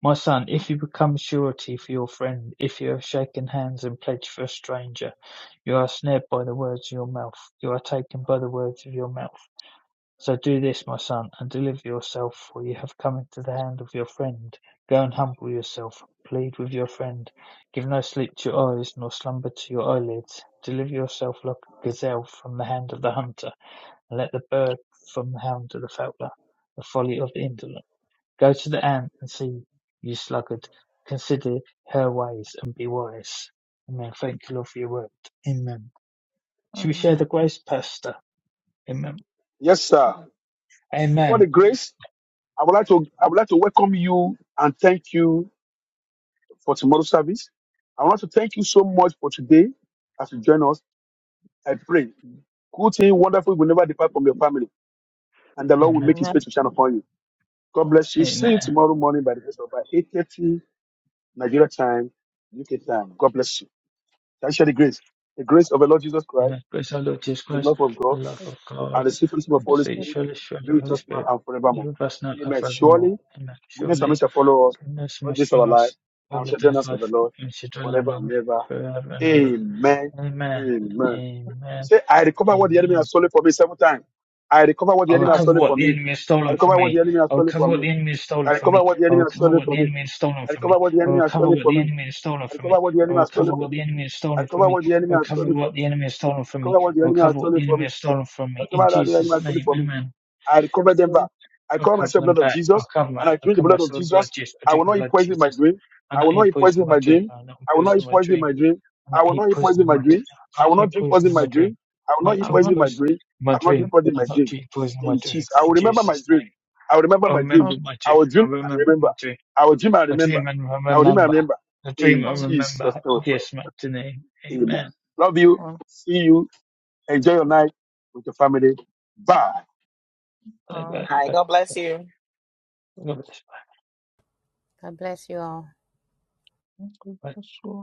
S2: My son, if you become surety for your friend, if you have shaken hands and pledged for a stranger, you are snared by the words of your mouth, you are taken by the words of your mouth. So do this, my son, and deliver yourself, for you have come into the hand of your friend. Go and humble yourself, plead with your friend. Give no sleep to your eyes, nor slumber to your eyelids. Deliver yourself like a gazelle from the hand of the hunter, and let the bird from the hand of the fowler. The folly of the indolent. Go to the ant and see, you sluggard, consider her ways and be wise, and then thank the Lord for your word. Amen. Should we share the grace, Pastor? Amen.
S3: Yes, sir. Before the
S2: Amen.
S3: grace, I would like to I would like to welcome you and thank you for tomorrow's service. I want to thank you so much for today as you join us. I pray, good thing, wonderful will never depart from your family, and the Lord will
S2: Amen.
S3: make His
S4: and
S3: face to shine upon you. God bless you. See you
S2: Amen.
S3: tomorrow morning by the grace of God, eight thirty Nigeria time, UK time. God bless you. Can I share the grace? The grace of the Lord Jesus Christ,
S2: Amen. Praise our Lord Jesus
S3: the
S2: Christ,
S3: love of
S2: the
S3: God,
S2: love of God,
S3: and the sweet fellowship of
S2: and
S3: the
S2: the
S3: Holy
S2: sweet
S3: Spirit
S2: surely, surely the
S3: be with
S2: Holy
S3: us now
S2: Spirit,
S3: and
S2: be
S3: forevermore.
S2: with us now and
S3: Amen.
S2: forevermore.
S3: Surely,
S2: Amen.
S3: goodness and mercy
S2: Surely,
S3: shall follow us
S2: goodness and
S3: all
S2: mercy
S3: this our
S2: for
S3: life,
S2: us
S3: and we
S2: all of
S3: shall dwell in the
S2: those
S3: house of the
S2: life,
S3: Lord
S2: and we shall dwell in our
S3: forever
S2: Lord
S3: and ever.
S2: forever and ever.
S3: Amen.
S2: Amen.
S3: Amen.
S2: Amen.
S3: Say, I recover what the enemy
S2: Amen.
S3: has stolen from me seven times. I recover what the
S2: I'll
S3: enemy has
S4: I
S2: recover
S3: stolen
S2: what
S3: from
S2: the
S3: me.
S2: enemy has
S3: I
S2: stolen from
S3: recover what
S2: me.
S3: the enemy has
S2: I'll
S3: stolen
S2: recover
S3: from
S2: what
S3: me.
S2: the enemy has stolen
S3: I
S2: from
S3: recover
S2: me.
S3: what the
S2: I'll
S3: enemy has
S2: recover
S3: stolen
S2: what the
S3: from me.
S2: enemy has stolen
S3: I
S2: from
S3: recover
S2: me.
S3: what the
S2: I'll
S3: enemy has
S2: recover
S3: stolen
S2: what
S3: from
S2: the
S3: me.
S2: enemy has stolen
S3: I
S2: from me.
S3: recover what the enemy
S2: I'll
S3: has
S2: recover
S3: stolen
S2: what
S3: from
S2: the
S3: me.
S2: enemy has
S3: I
S2: stolen from
S3: recover
S2: me.
S3: what the enemy
S2: I'll
S3: has
S2: recover
S3: stolen
S2: what
S3: from me.
S2: the enemy has stolen
S3: I
S2: from me.
S3: recover what the
S2: I'll
S3: enemy has
S2: recover what the
S3: stolen from
S2: enemy
S3: me.
S2: has
S3: I
S2: stolen from me. In
S3: recover what the enemy
S2: Jesus'
S3: has stolen
S2: name,
S3: from me.
S2: amen.
S3: I
S4: have
S3: recover them back.
S4: to
S3: I
S2: I'll
S3: call
S2: cover
S3: myself
S2: them
S3: blood of
S2: back. I'll
S3: Jesus,
S2: cover my,
S3: and I
S2: I'll
S3: drink the
S2: cover my
S3: blood of
S2: soul with blood,
S3: Jesus.
S2: Jesus. I
S3: I
S2: drink
S3: will
S2: the
S3: not eat
S2: blood,
S3: poison in my
S2: Jesus.
S3: dream.
S2: I
S3: I
S2: not
S3: will not
S2: eat
S3: eat
S2: poison
S3: poison
S2: in
S3: in
S2: my
S3: my
S2: dream.
S3: dream.
S2: I not
S3: I will not
S2: poison in
S3: eat
S2: my
S3: poison in
S2: dream.
S3: my dream.
S2: I
S3: I
S2: not
S3: will
S2: eat
S3: not eat
S2: poison
S3: poison in
S2: in
S3: my
S2: my
S3: dream.
S2: dream. I
S3: I
S2: not
S3: will
S2: eat
S3: not drink poison
S2: poison
S3: in
S2: in
S3: my
S2: my dream.
S3: dream. I will
S2: I
S3: not
S2: not
S3: eat
S2: drink
S3: poison
S4: I'll
S3: in my
S2: poison
S3: dream.
S2: in my
S3: I will not eat
S2: dream.
S3: poison in
S2: I
S3: my
S2: not
S3: dream.
S2: drink poison in my
S3: In
S2: dream.
S3: Jesus, I will
S2: In
S3: remember my
S2: Jesus' name.
S3: dream. I will remember
S2: I
S3: my dream.
S2: remember
S4: not
S2: my
S3: I
S2: dream.
S3: will
S2: I
S3: dream and
S2: remember
S3: remember.
S2: my dream.
S3: I will dream and
S2: I
S3: remember.
S2: dream and I
S3: I will dream and
S2: remember.
S3: remember.
S2: I dream
S3: In
S2: and
S4: one
S3: Jesus' name,
S2: remember.
S3: we
S2: Yes,
S3: pray.
S2: my name.
S3: Amen.
S2: Amen.
S3: Love you.
S4: on
S3: See you. Enjoy your night with your family. Bye.
S2: Bye bye
S1: Hi.
S2: bye.
S1: God bless you.
S2: God bless. Bye.
S6: God bless you all.
S2: bye.
S4: time.